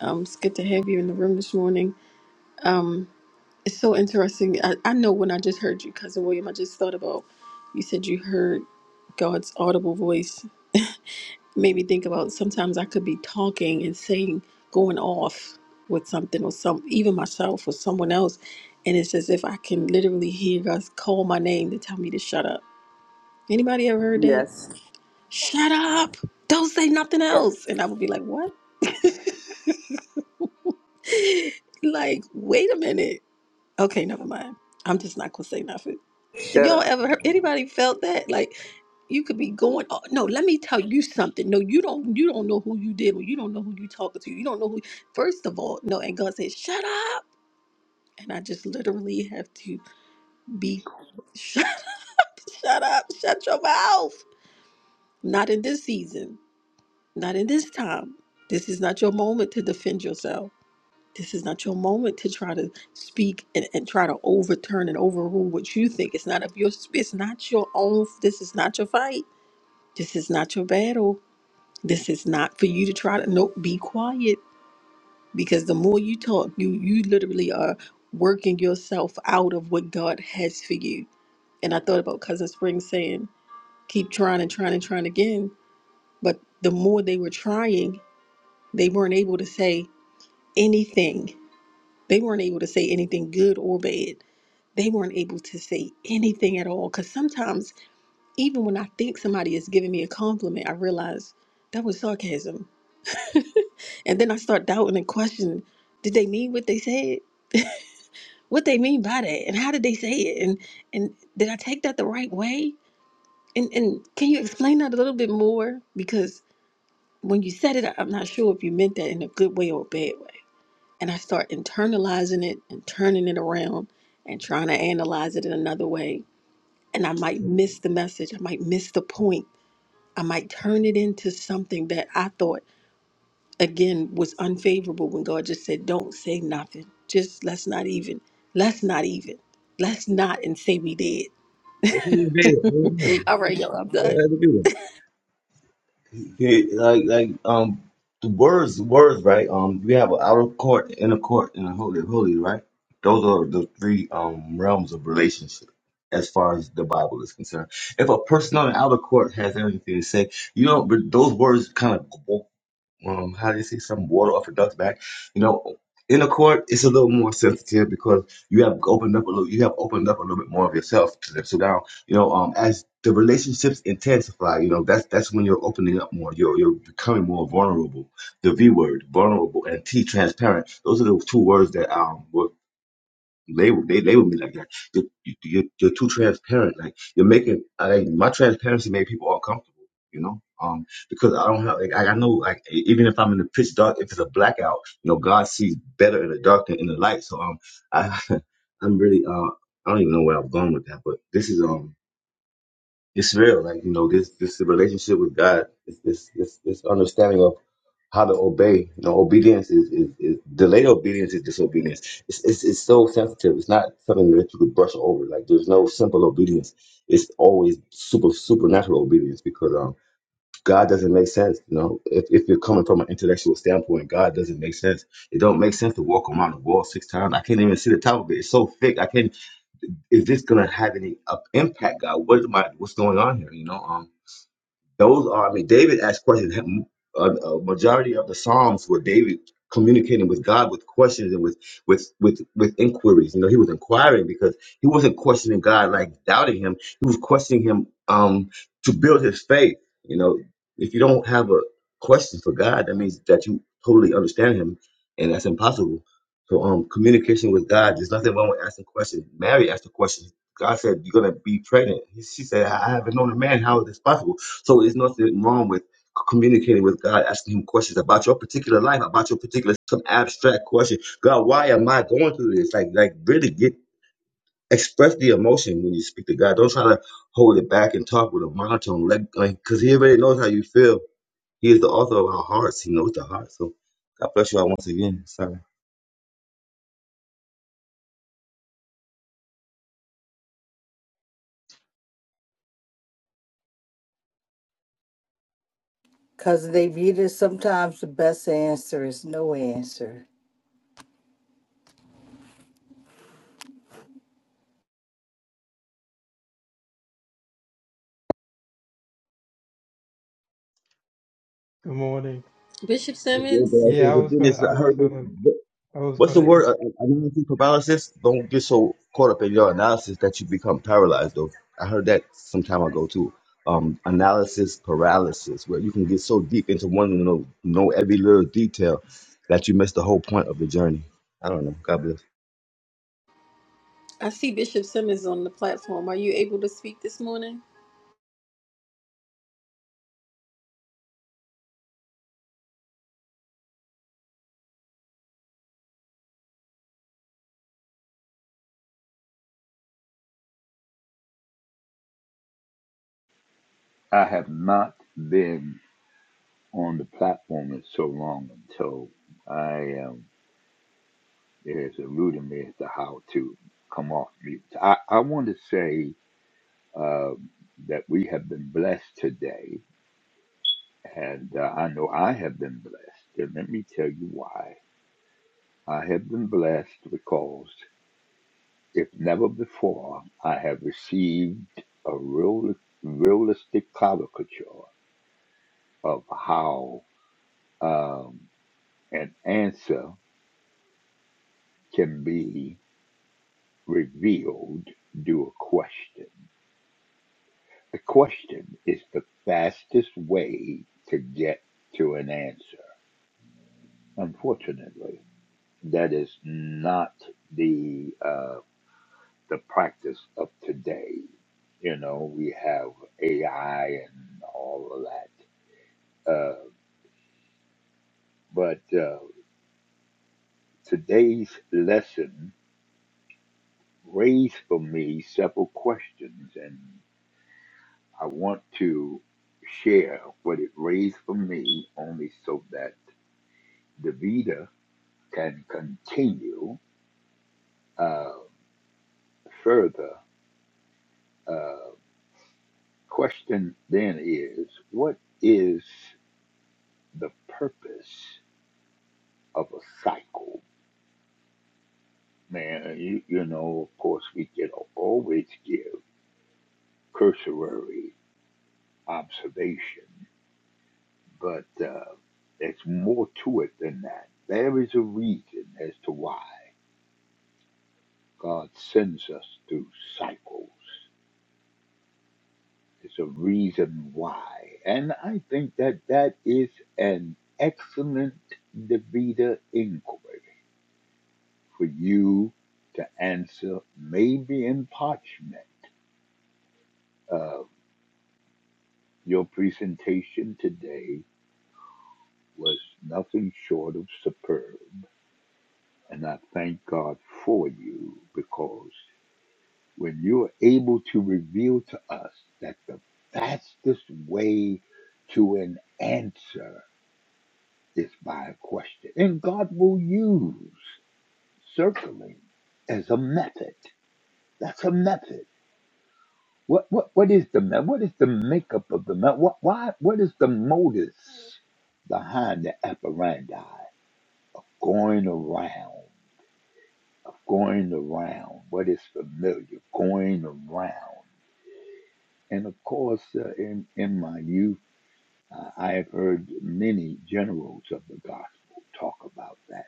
A: Um, it's good to have you in the room this morning. Um. It's so interesting. I, I know when I just heard you, Cousin William, I just thought about you said you heard God's audible voice. Made me think about sometimes I could be talking and saying, going off with something or some, even myself or someone else. And it's as if I can literally hear God call my name to tell me to shut up. Anybody ever heard that?
E: Yes.
A: Shut up! Don't say nothing
E: yes.
A: else. And I would be like, what? like, wait a minute. Okay, never mind. I'm just not going to say nothing. You
E: Shut
A: don't
E: up.
A: ever heard anybody felt that like you could be going. Oh, no, let me tell you something. No, you don't. You don't know who you did. Or you don't know who you talking to. You don't know who. First of all, no. And God said, "Shut up." And I just literally have to be, quiet. shut up, shut up, shut your mouth. Not in this season. Not in this time. This is not your moment to defend yourself. This is not your moment to try to speak and, and try to overturn and overrule what you think. It's not of your. It's not your own. This is not your fight This is not your battle. This is not for you to try to nope, be quiet. Because the more you talk, you you literally are working yourself out of what God has for you. And I thought about Cousin Spring saying, keep trying and trying and trying again. But the more they were trying, they weren't able to say anything. They weren't able to say anything good or bad. They weren't able to say anything at all. Because sometimes Even when I think somebody is giving me a compliment, I realize that was sarcasm. and then I start doubting and questioning, did they mean what they said? What they mean by that? And how did they say it? And and did I take that the right way? And and can you explain that a little bit more? Because when you said it, I'm not sure if you meant that in a good way or a bad way. And I start internalizing it and turning it around and trying to analyze it in another way. And I might miss the message. I might miss the point I might turn it into something that I thought again was unfavorable when God just said, Don't say nothing. Just let's not even, let's not even, let's not and say we did.
D: Good morning. day. How you doing?
A: All right, y'all, I'm
D: How
A: done.
D: you doing? He, like like um the words words right um we have an outer court, inner court, and a holy holy right. Those are the three um realms of relationship as far as the Bible is concerned. If a person on the outer court has anything to say, you know, but those words kind of um, how do you say, some water off a duck's back. You know, in a court, it's a little more sensitive because you have opened up a little, you have opened up a little bit more of yourself to them. So now, you know, um, as the relationships intensify, you know, that's that's when you're opening up more. You're you're becoming more vulnerable. The V word, vulnerable, and T, transparent. Those are the two words that um were they would they they would be like, like you, you, you're you're too transparent. Like you're making like my transparency made people uncomfortable. You know, um, because I don't have like I I know like e, even if I'm in the pitch dark, if it's a blackout, you know, God sees better in the dark than in the light. So um, I I'm really uh I don't even know where I'm going with that, but this is um it's real. Like you know this this relationship with God, this this this, this understanding of how to obey. You know, obedience is, is, is delayed obedience is disobedience. It's, it's it's so sensitive. It's not something that you could brush over. Like there's no simple obedience. It's always super supernatural obedience because um God doesn't make sense. You know, if if you're coming from an intellectual standpoint, God doesn't make sense. It don't make sense to walk around the wall six times. I can't even see the top of it. It's so thick. I can't. Is this gonna have any uh, impact, God? What am I? What's going on here? You know, um those are, I mean, David asked questions. Him- A, a majority of the Psalms were David communicating with God with questions and with with with with inquiries. You know, he was inquiring because he wasn't questioning God like doubting Him. He was questioning Him um, to build his faith. You know, if you don't have a question for God, that means that you totally understand Him, and that's impossible. So, um, communication with God. There's nothing wrong with asking questions. Mary asked a question. God said, "You're gonna be pregnant." He- She said, "I I haven't known a man. How is this possible?" So there's nothing wrong with communicating with God, asking Him questions about your particular life, about your particular some abstract question. God, why am I going through this? Like, like really get express the emotion when you speak to God. Don't try to hold it back and talk with a monotone. Let like, because He already knows how you feel. He is the author of our hearts. He knows the heart. So God bless you all once again. Sorry.
F: Cousin David, sometimes the best answer is no answer.
B: Good morning.
A: Bishop Simmons,
B: Yeah, I was gonna,
D: Goodness,
B: I
D: I
B: was
D: heard
B: gonna,
D: this.
B: I was
D: What's
B: gonna.
D: the word? Uh,
B: inc-
D: uh, analysis paralysis. Don't get so caught up in your analysis that you become paralyzed. Though I heard that some time ago too. Um, analysis paralysis, where you can get so deep into one to know, know every little detail that you miss the whole point of the journey. I don't know. God bless.
A: I see Bishop Simmons on the platform. Are you able to speak this morning?
G: I have not been on the platform in so long, and so I um, it has eluded me as to how to come off mute. I, I want to say uh, that we have been blessed today, and uh, I know I have been blessed. And let me tell you why. I have been blessed because, if never before, I have received a real, realistic caricature of how um, an answer can be revealed through a question. A question is the fastest way to get to an answer. Unfortunately, that is not the uh, the practice of today. You know, we have AI and all of that. Uh, but uh, today's lesson raised for me several questions, and. I want to share what it raised for me only so that the Vita can continue uh, further. Uh, question then is what is the purpose of a cycle? Man, you, you know, of course, we can always give cursory observation, but uh, there's more to it than that. There is a reason as to why. God sends us through cycles. It's a reason why. And I think that that is an excellent DeVita inquiry for you to answer, maybe in parchment. Uh, your presentation today was nothing short of superb. And I thank God for you because when you are able to reveal to us that the fastest way to an answer is by a question, and God will use circling as a method. That's a method. What what what is the me- what is the makeup of the method? What why what is the modus behind the apparandi going around going around what is familiar going around and of course uh, in in my youth. Uh, I have heard many generals of the gospel talk about that,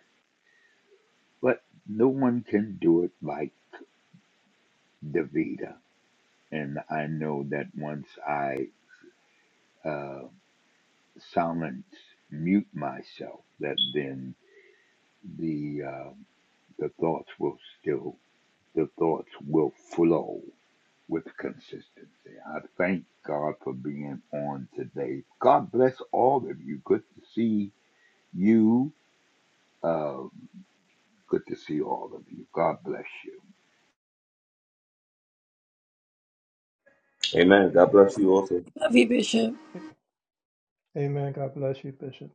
G: but no one can do it like Davita. And I know that once I uh, silence, mute myself, that then the uh, the thoughts will still the thoughts will flow with consistency. I thank God for being on today. God bless all of you. Good to see you. Uh, Good to see all of you. God bless you.
D: Amen. God bless you also.
A: Love you, Bishop.
B: Amen. God bless you, Bishop.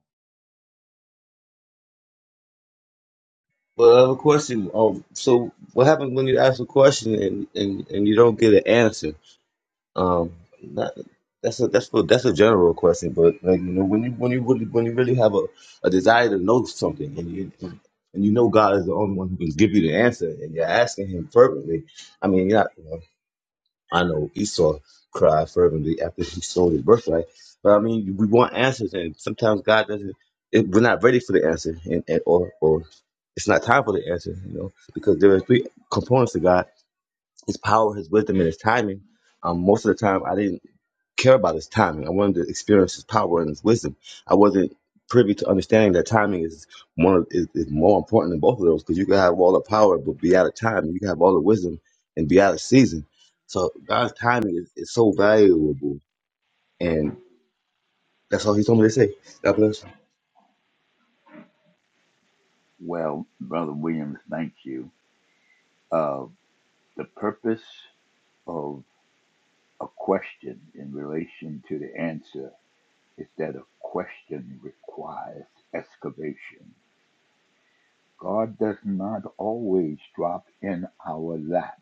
D: Well, I have a question. Um, so what happens when you ask a question and, and, and you don't get an answer? Um, that, that's a that's a that's a general question, but like you know, when you when you really when you really have a, a desire to know something, and you and you know God is the only one who can give you the answer, and you're asking Him fervently. I mean, yeah, you know, I know Esau cried fervently after he sold his birthright, but I mean, we want answers, and sometimes God doesn't. It, we're not ready for the answer, and, and or or it's not time for the answer, you know, because there are three components to God: His power, His wisdom, and His timing. Um, most of the time, I didn't care about his timing. I wanted to experience his power and his wisdom. I wasn't privy to understanding that timing is one of, is, is more important than both of those because you can have all the power but be out of time, and you can have all the wisdom and be out of season. So God's timing is, is so valuable, and that's all He told me to say. God bless.
G: Well, Brother Williams, thank you. Uh, the purpose of a question in relation to the answer is that a question requires excavation. God does not always drop in our lap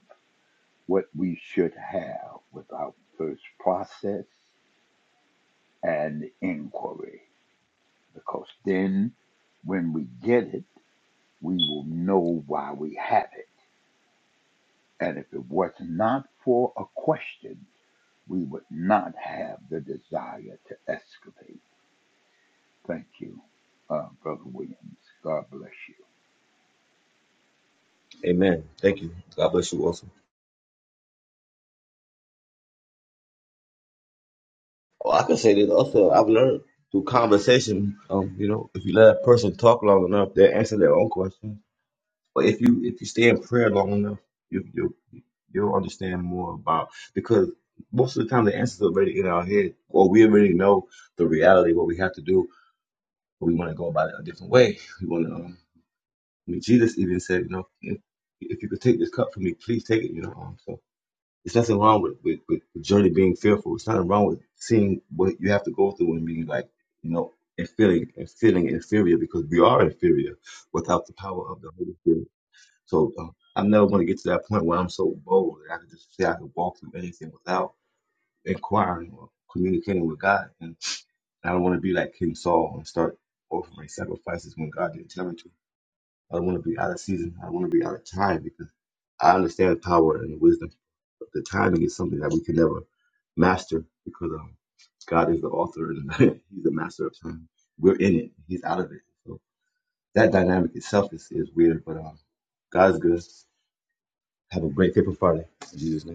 G: what we should have without first process and inquiry, because then when we get it, we will know why we have it. And if it was not for a question, we would not have the desire to excavate. Thank you, uh, Brother Williams. God bless you.
D: you. Amen. Thank you. God bless you also. Oh, I can say this also. I've learned through conversation. Um, you know, if you let a person talk long enough, they will answer their own questions. But if you if you stay in prayer long enough, you you You'll understand more about because most of the time the answers are already in our head, or we already know the reality what we have to do, but we want to go about it a different way. We want to. Um, I mean, Jesus even said, you know, if, if you could take this cup from me, please take it. You know, um, so it's nothing wrong with with, with the journey being fearful. It's nothing wrong with seeing what you have to go through and being like, you know, and feeling and feeling inferior because we are inferior without the power of the Holy Spirit so uh, I'm never going to get to that point where I'm so bold that I can just say I can walk through anything without inquiring or communicating with God. And I don't want to be like King Saul and start offering sacrifices when God didn't tell me to. I don't want to be out of season. I don't want to be out of time because I understand power and wisdom. But the timing is something that we can never master because um, God is the author and He's the master of time. We're in it. He's out of it. So that dynamic itself is, is weird, but um, God's good. Have a great, faithful Friday. In Jesus' name.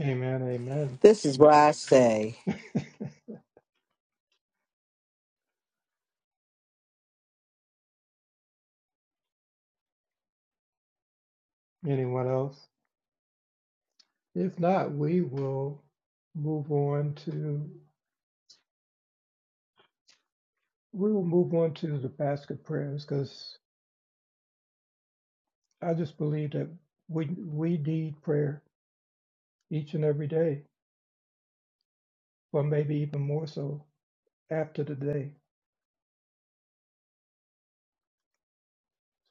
B: Amen. Amen.
F: This is why I say,
B: Anyone else? If not, we will move on to we will move on to the basket prayers because I just believe that we we need prayer each and every day, or maybe even more so after the day,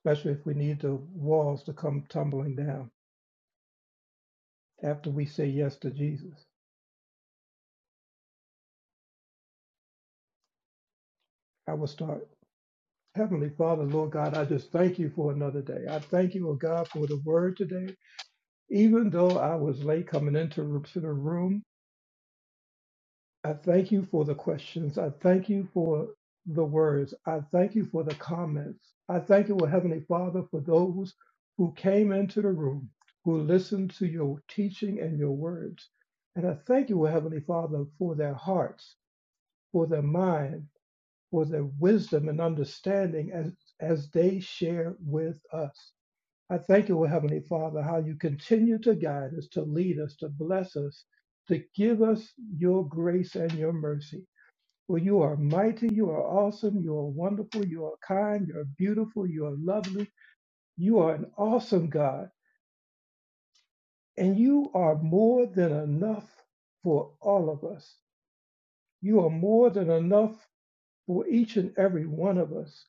B: especially if we need the walls to come tumbling down after we say yes to Jesus. I will start. Heavenly Father, Lord God, I just thank you for another day. I thank you, oh God, for the word today. Even though I was late coming into to the room, I thank you for the questions. I thank you for the words. I thank you for the comments. I thank you, O Heavenly Father, for those who came into the room, who listened to your teaching and your words. And I thank you, O Heavenly Father, for their hearts, for their mind, for their wisdom and understanding as, as they share with us. I thank you, O Heavenly Father, how you continue to guide us, to lead us, to bless us, to give us your grace and your mercy. Well, you are mighty, you are awesome, you are wonderful, you are kind, you are beautiful, you are lovely, you are an awesome God, and you are more than enough for all of us. You are more than enough for each and every one of us.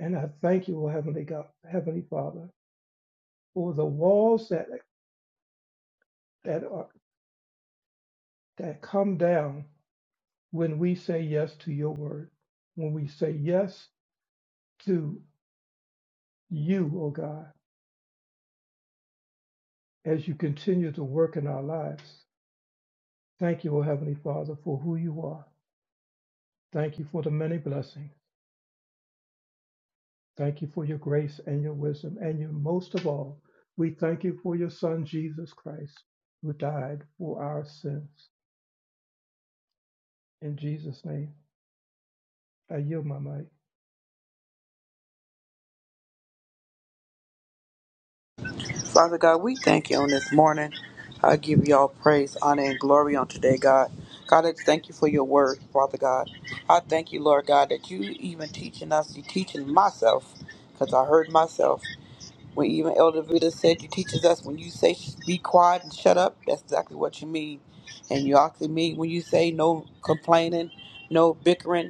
B: And I thank you, O Heavenly God, Heavenly Father, for the walls that that are that come down when we say yes to your word, when we say yes to you, O God, as you continue to work in our lives. Thank you, O Heavenly Father, for who you are. Thank you for the many blessings. Thank you for your grace and your wisdom. And you, most of all, we thank you for your Son, Jesus Christ, who died for our sins. In Jesus' name, I yield my mic.
E: Father God, we thank you on this morning. I give you all praise, honor, and glory on today, God. God, I thank you for your word, Father God. I thank you, Lord God, that you even teaching us, you teaching myself, because I heard myself. When even Elder Vida said you teaches us when you say be quiet and shut up, that's exactly what you mean. And you actually mean when you say no complaining, no bickering,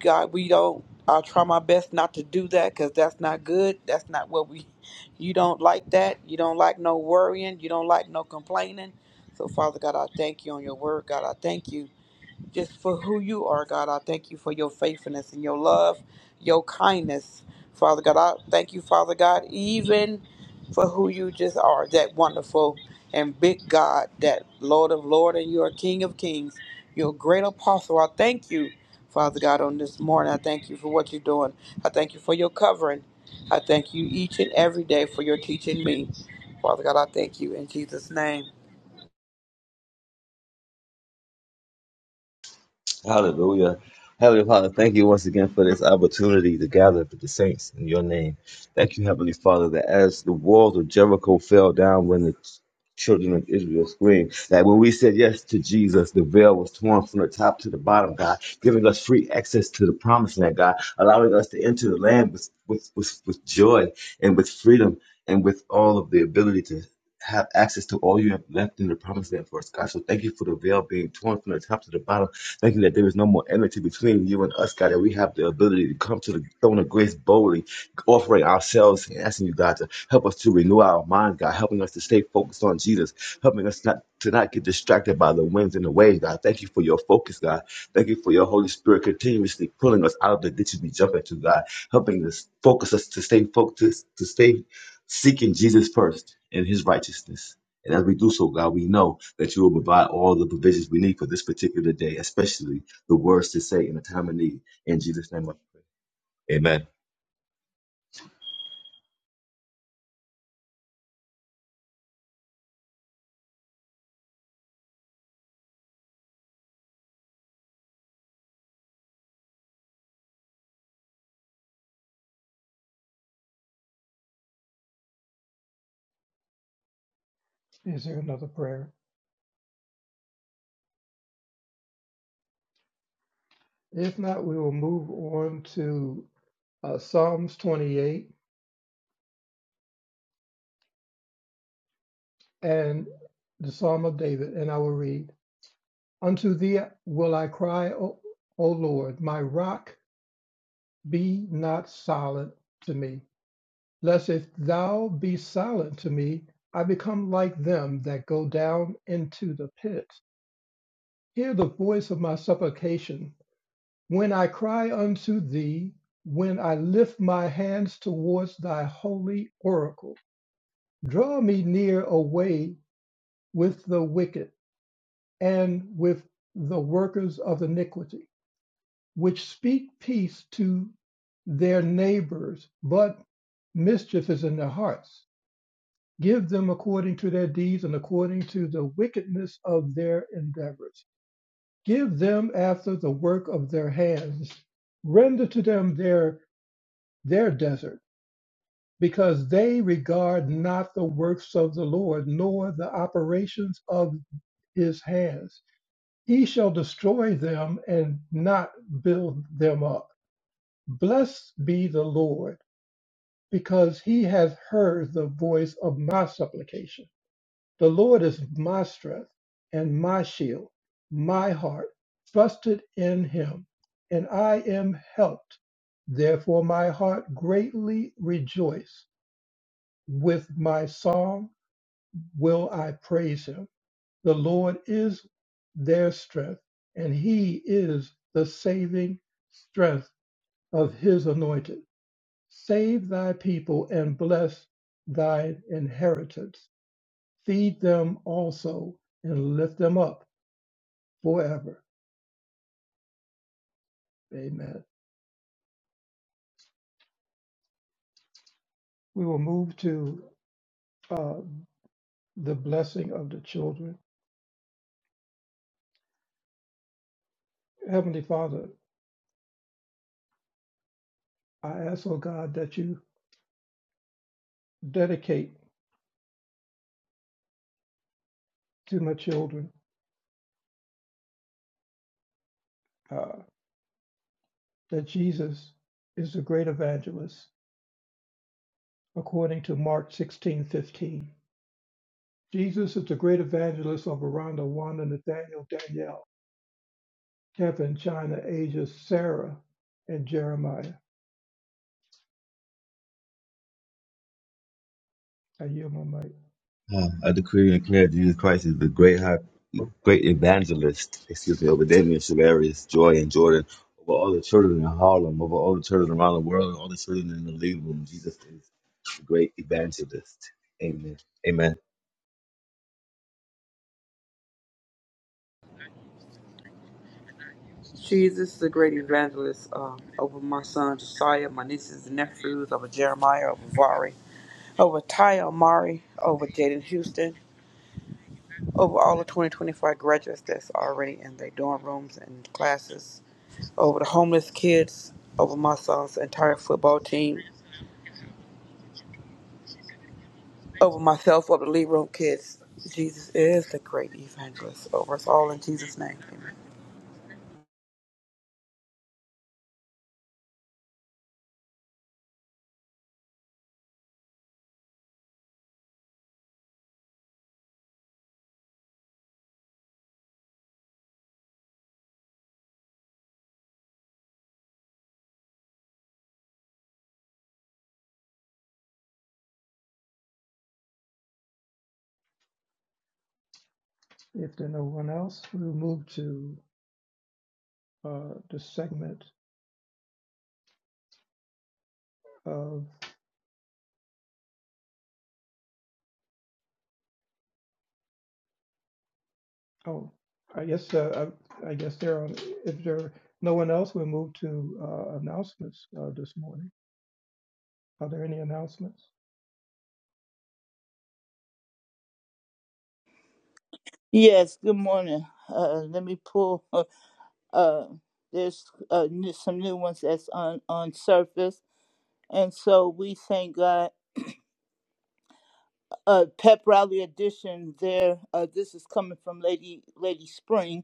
E: God, we don't. I'll try my best not to do that because that's not good. That's not what we. You don't like that. You don't like no worrying. You don't like no complaining. So, Father God, I thank you on your word. God, I thank you just for who you are, God. I thank you for your faithfulness and your love, your kindness, Father God. I thank you, Father God, even for who you just are, that wonderful and big God, that Lord of Lord and your King of Kings, your great apostle. I thank you, Father God, on this morning. I thank you for what you're doing. I thank you for your covering. I thank you each and every day for your teaching me. Father God, I thank you in Jesus' name.
D: Hallelujah. Heavenly Father, thank you once again for this opportunity to gather with the saints in your name. Thank you, Heavenly Father, that as the walls of Jericho fell down when the children of Israel screamed, that when we said yes to Jesus, the veil was torn from the top to the bottom, God, giving us free access to the promised land, God, allowing us to enter the land with, with, with, with joy and with freedom and with all of the ability to have access to all you have left in the promised land for us, God. So thank you for the veil being torn from the top to the bottom Father. Thank you that there is no more enmity between you and us, God, that we have the ability to come to the throne of grace boldly, offering ourselves and asking you, God, to help us to renew our minds, God, helping us to stay focused on Jesus, helping us not to not get distracted by the winds and the waves, God. Thank you for your focus, God. Thank you for your Holy Spirit continuously pulling us out of the ditches we jump into, God, helping us focus us to stay focused, to stay seeking Jesus first and his righteousness. And as we do so, God, we know that you will provide all the provisions we need for this particular day, especially the words to say in a time of need. In Jesus' name, amen.
B: Is there another prayer? If not, we will move on to uh, Psalms 28 and the Psalm of David, and I will read Unto thee will I cry, O, o Lord, my rock, be not silent to me. Lest if thou be silent to me, I become like them that go down into the pit. Hear the voice of my supplication when I cry unto thee, when I lift my hands towards thy holy oracle. Draw me near away with the wicked and with the workers of iniquity, which speak peace to their neighbors, but mischief is in their hearts. Give them according to their deeds and according to the wickedness of their endeavors. Give them after the work of their hands. Render to them their, their desert, because they regard not the works of the Lord, nor the operations of his hands. He shall destroy them and not build them up. Blessed be the Lord, because he has heard the voice of my supplication. The Lord is my strength and my shield. My heart trusted in him, and I am helped. Therefore, my heart greatly rejoiced. With my song will I praise him. The Lord is their strength, and he is the saving strength of his anointed. Save thy people and bless thine inheritance. Feed them also and lift them up forever. Amen. We will move to uh, the blessing of the children. Heavenly Father, I ask, oh God, that you dedicate to my children uh, that Jesus is the great evangelist, according to Mark 16:15. Jesus is the great evangelist of Aranda, Wanda, Nathaniel, Danielle, Kevin, China, Asia, Sarah, and Jeremiah. I yield my mic.
D: Ah, I decree and declare Jesus Christ is the great high, great evangelist, excuse me, over Damien, Shavarius, Joy, and Jordan, over all the children in Harlem, over all the children around the world, and all the children in the league room. Jesus is the great evangelist. Amen. Amen.
E: Jesus, the great evangelist um, over my son Josiah, my nieces and nephews, over Jeremiah, over Vari, over Ty Amari, over Jaden Houston, over all the 2025 graduates that's already in their dorm rooms and classes, over the homeless kids, over my son's entire football team, over myself, over the lead room kids. Jesus is the great evangelist over us all in Jesus' name. Amen.
B: If there's no one else, we'll move to uh, the segment Uh, oh, I guess, uh, I I guess there, are- if there are no one else, we'll move to uh, announcements uh, this morning. Are there any announcements?
H: Yes, good morning. Uh, let me pull. Uh, there's uh, new, some new ones that's on, on surface. And so we thank God. Uh, pep rally edition there. Uh, this is coming from Lady Lady Spring.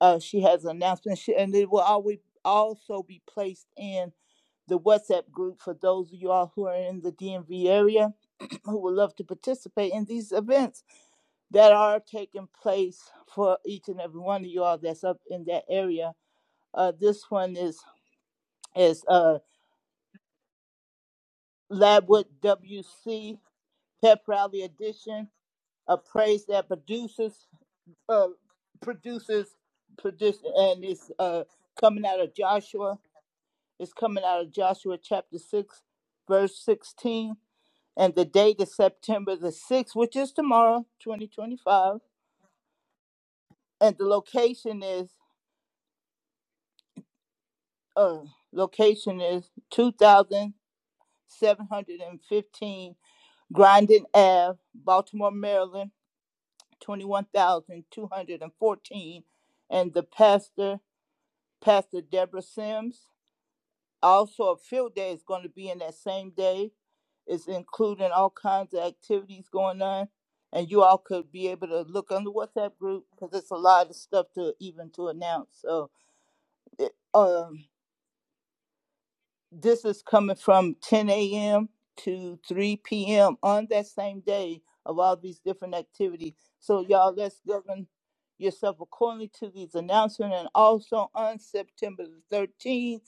H: Uh, she has an announcement, she, and it will always also be placed in the WhatsApp group for those of you all who are in the DMV area who would love to participate in these events that are taking place for each and every one of you all that's up in that area Uh, this one is is uh, Labwood WC Pep Rally Edition, a praise that produces uh, produces produce, and it's uh, coming out of Joshua. It's coming out of Joshua chapter six, verse sixteen, and the date is September the sixth, which is tomorrow, twenty twenty five, and the location is uh, location is two thousand seven hundred and fifteen Grandin Ave, Baltimore, Maryland, 21,214. And the pastor, Pastor Deborah Sims. Also, a field day is going to be in that same day. It's including all kinds of activities going on. And you all could be able to look on the WhatsApp group because it's a lot of stuff to even to announce. So, it, um, this is coming from 10 a.m. to 3 p.m. on that same day of all these different activities. So, y'all, let's govern yourself accordingly to these announcements. And also on September the 13th,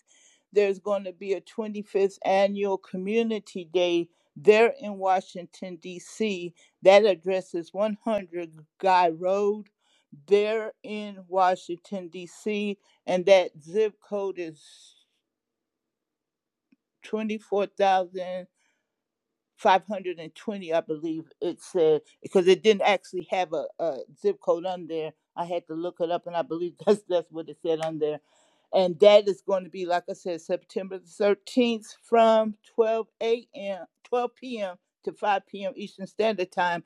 H: there's going to be a 25th annual community day there in Washington, D.C. That address is 100 Guy Road there in Washington, D.C. And that zip code is 24,520, I believe it said, because it didn't actually have a, a zip code on there. I had to look it up, and I believe that's that's what it said on there. And that is going to be, like I said, September the 13th from 12 a.m., 12 p.m. to 5 p.m. Eastern Standard Time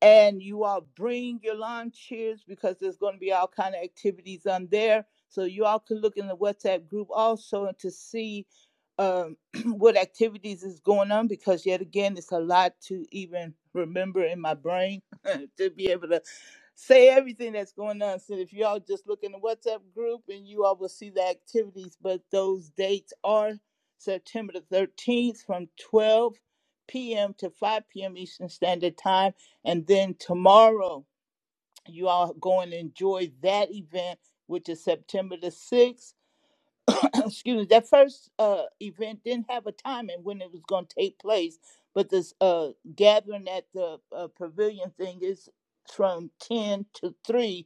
H: and you all bring your lawn chairs because there's going to be all kind of activities on there so you all can look in the whatsapp group also to see um, what activities is going on because yet again it's a lot to even remember in my brain to be able to say everything that's going on so if you all just look in the whatsapp group and you all will see the activities but those dates are september the 13th from 12 p.m to 5 p.m eastern standard time and then tomorrow, you all go and enjoy that event, which is September the 6th. Excuse me, that first uh, event didn't have a time and when it was going to take place, but this uh, gathering at the uh, pavilion thing is from 10 to 3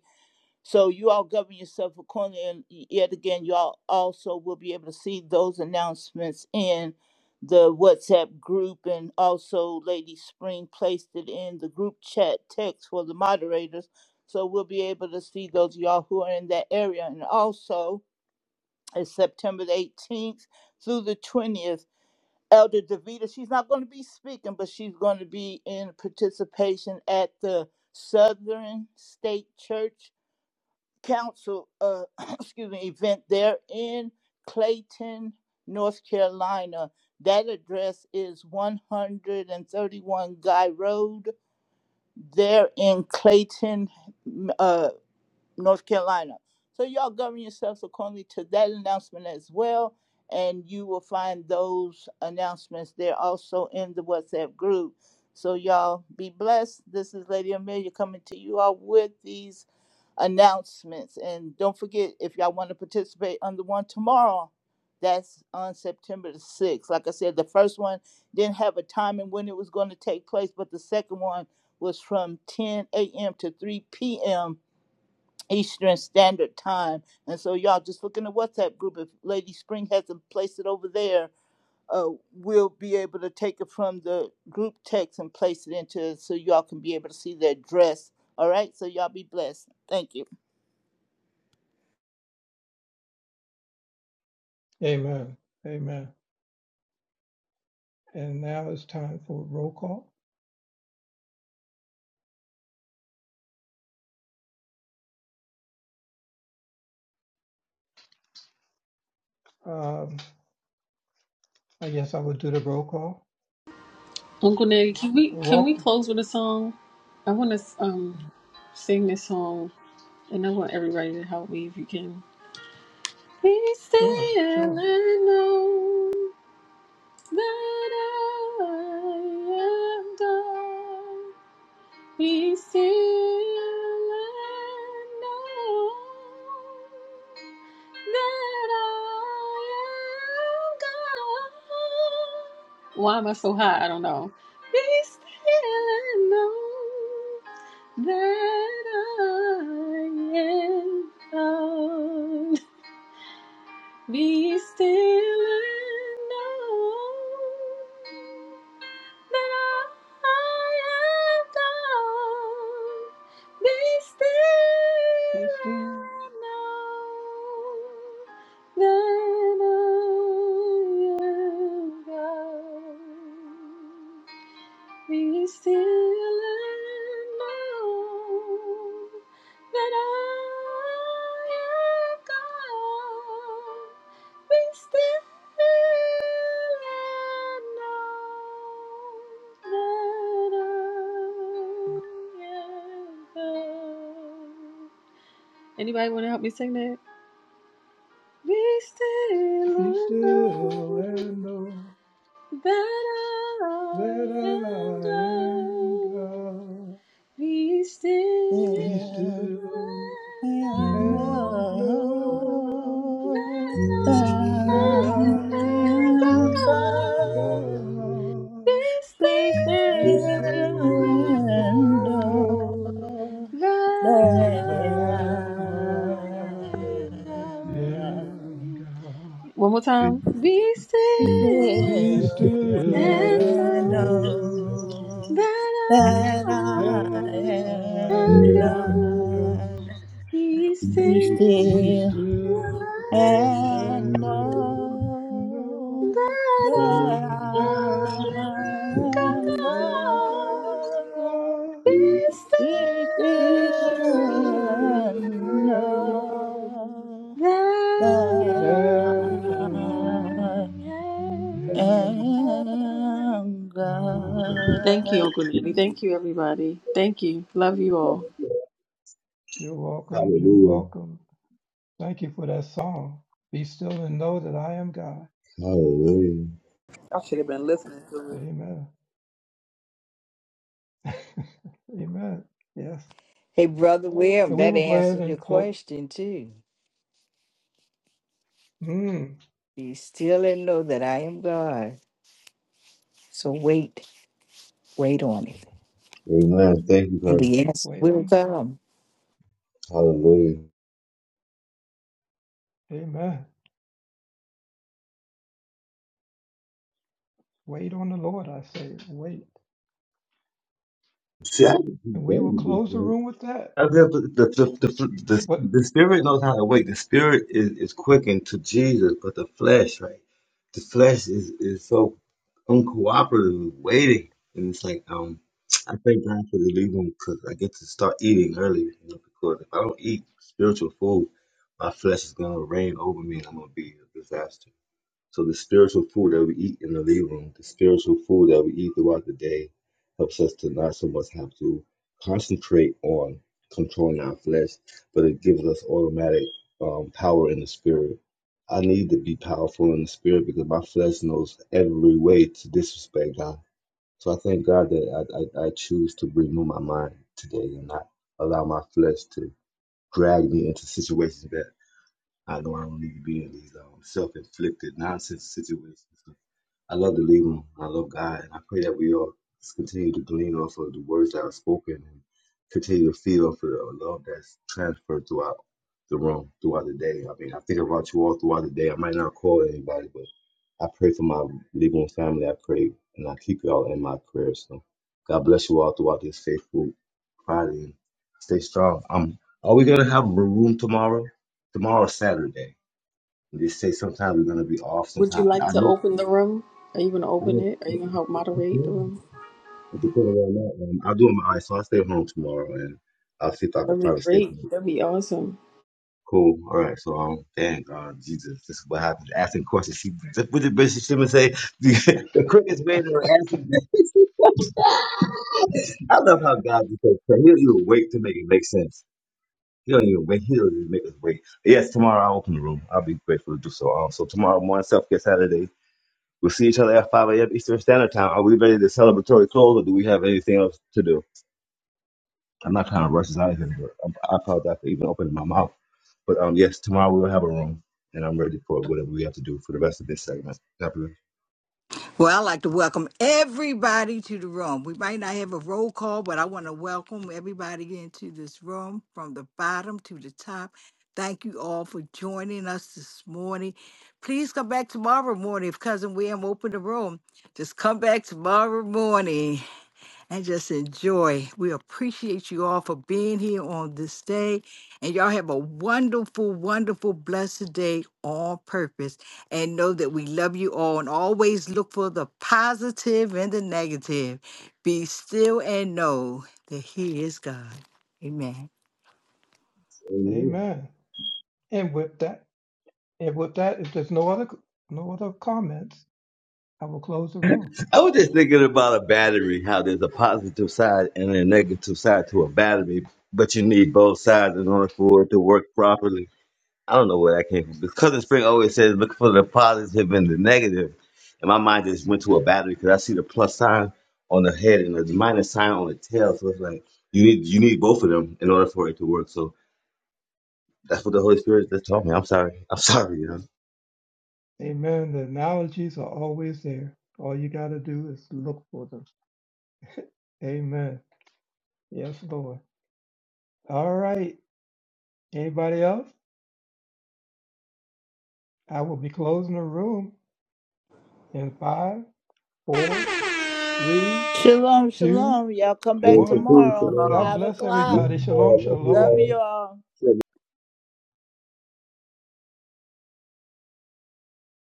H: so you all govern yourself accordingly. And yet again, you all also will be able to see those announcements in the WhatsApp group. And also, Lady Spring placed it in the group chat text for the moderators. So we'll be able to see those of y'all who are in that area. And also, it's September the 18th through the 20th. Elder Davita, she's not going to be speaking, but she's going to be in participation at the Southern State Church council, uh, excuse me, event there in Clayton, North Carolina. That address is 131 Guy Road there in Clayton, uh, North Carolina. So y'all govern yourselves accordingly to that announcement as well. And you will find those announcements there also in the WhatsApp group. So y'all be blessed. This is Lady Amelia coming to you all with these announcements. And don't forget, if y'all want to participate on the one tomorrow, that's on September the 6th. Like I said, the first one didn't have a time and when it was going to take place, but the second one was from 10 a.m. to 3 p.m. Eastern Standard Time. And so, y'all, just look in the WhatsApp group. If Lady Spring hasn't placed it over there, uh, we'll be able to take it from the group text and place it into it so y'all can be able to see the address. All right? So, y'all be blessed. Thank you.
B: Amen. Amen. And now it's time for roll call. Um, I guess I would do the roll call.
A: Uncle Ned, can we can we
B: Welcome.
A: close with a song? I want to um sing this song, and I want everybody to help me if you can. Be
B: Sure,
A: still
B: sure.
A: and know. that I am thine. Be still and know that I am God. Why am I so high? I don't know. Be still and know that I am God. Be still and know that I am God. Be
B: Be
A: still
B: still,
A: and know that I am God. Be still and know that I am God. Be still and know that I am God. Anybody want to help me sing that? Be still
B: be
A: and
B: still
A: know
B: and know
A: that
B: that
A: I am
B: I am
A: God.
B: God.
A: Be still
B: Be
H: Yeah,
A: and
B: still
H: and
A: know
B: and know.
H: know
A: that
H: that
A: I
H: I'm
B: that I
A: am
H: the
B: am
A: God. Be
B: God.
A: still
B: Be still
H: and
B: and
H: know
B: know
A: and know
H: that I'm
A: that
H: the
B: that
A: I
H: and
B: I
A: am
B: am
A: God.
B: God.
A: One more time. Be
B: Be
A: still
B: still
A: and know.
B: and know
H: know
A: But I
H: that
B: that
H: I
B: I
H: am
A: am
D: Yeah.
B: am
A: going to
B: God.
H: thine.
A: be
H: Be
A: still.
B: Be
H: still
B: still
H: and
B: and
A: But
H: know
B: know
A: I
H: that I
B: that I
A: am going
H: am
A: to
B: am
H: loved.
B: God.
A: be
H: Be
B: Be
H: still
B: still
A: still.
H: and
B: and know
H: know
A: That I
H: that I
B: that I
A: am going.
B: am
H: am
B: God.
A: Thank you,
H: God.
A: Uncle Nanny. Thank you, everybody. Thank you. Love you all.
B: You're welcome. You're
D: Hallelujah.
B: welcome. Thank you for that song. Be still and know that I am God.
D: Hallelujah.
E: I should have been listening to it.
B: Amen. Amen. Yes.
F: hey, Brother William,
B: And we
F: that
B: will go ahead
F: answers your
B: and close.
F: question too.
B: Mm,
F: Be still and know that I am God. So wait, wait on it.
D: Amen. Thank you,
F: And
D: Lord.
F: the answer
B: wait
F: will
B: on.
F: come.
D: Hallelujah.
B: Amen. Wait on the Lord, I say. Wait.
D: See, I can
B: And
D: keep
B: we will
D: going with this
B: close the
D: man.
B: room with that.
D: I feel The, the, the, the, the,
B: What?
D: the spirit knows how to wait. The spirit is, is quickened to Jesus, but the flesh, right? The flesh is, is so uncooperative, waiting. And it's like, um, I thank God for the leave room because I get to start eating earlier. You know, because if I don't eat spiritual food, my flesh is going to reign over me and I'm going to be a disaster. So the spiritual food that we eat in the living room, the spiritual food that we eat throughout the day, helps us to not so much have to concentrate on controlling our flesh, but it gives us automatic um, power in the spirit. I need to be powerful in the spirit because my flesh knows every way to disrespect God. So I thank God that I, I, I choose to renew my mind today and not allow my flesh to drag me into situations that. I know I don't need to be in these um, self-inflicted nonsense situations. So I love to lead them. I love God. And I pray that we all just continue to glean off of the words that are spoken and continue to feed off of the love that's transferred throughout the room, throughout the day. I mean, I think about you all throughout the day. I might not call anybody, but I pray for my Libyan family. I pray and I keep y'all in my prayers. So God bless you all throughout this faithful Friday. And stay strong. Um, are we going to have a room tomorrow? Tomorrow, is Saturday. They say sometimes we're going to be off.
A: Would you
D: Sometimes.
A: like
D: I
A: to
D: know.
A: open the room? Are you going to
D: I
A: open
D: don't-
A: it? Are you going to help
D: I
A: moderate the
D: can.
A: room?
D: It where I'm at, man. I'll do it my eyes, so I'll stay home tomorrow and I'll see if I can
A: That'd be
D: find a stay
A: great.
D: home. Cool. All right. So, um, dang, uh, Jesus, this is what happens. Asking questions. She, what did Bishop Simmons say? The, the quickest way to answer I love how God just so clever. He don't even wait to make it make sense. He don't even wait. He don't even make us wait. Yes, tomorrow I'll open the room. I'll be grateful to do so. Um, so tomorrow morning, self care Saturday. We'll see each other at 5 a.m. Eastern Standard Time. Are we ready to celebratory close or do we have anything else to do? I'm not trying to rush us out of here, but I'm- I apologize for even opening my mouth. But um, yes, tomorrow we will have a room and I'm ready for whatever we have to do for the rest of this segment. God
F: Well, I'd like to welcome everybody to the room. We might not have a roll call, but I want to welcome everybody into this room from the bottom to the top. Thank you all for joining us this morning. Please come back tomorrow morning if Cousin William opened the room. Just come back tomorrow morning. and just enjoy. We appreciate you all for being here on this day. And y'all have a wonderful, wonderful, blessed day on purpose. And know that we love you all and always look for the positive and the negative. Be still and know that He is God. Amen.
B: Amen. And with that, And with that, if there's no other no other comments, I will close the room.
D: I was just thinking about a battery, how there's a positive side and a negative side to a battery, but you need both sides in order for it to work properly. I don't know where that came from. Because Cousin Spring always says look for the positive and the negative, and my mind just went to a battery because I see the plus sign on the head and the minus sign on the tail. So it's like you need you need both of them in order for it to work. So that's what the Holy Spirit just taught me. I'm sorry. I'm sorry. You know.
B: Amen. The analogies are always there. All you got to do is look for them. Amen. Yes, Lord. All right. Anybody else? I will be closing the room in five, four, three,
H: Shalom,
B: two,
H: shalom. Y'all come back
D: Grace and
B: one.
D: peace, and,
H: tomorrow,
B: God
E: Shalom.
D: um,
H: 5
B: bless
H: o'clock.
D: Love
B: everybody.
D: you
B: Shalom,
D: all. Love you
H: Love
D: all.
B: shalom.
H: you all.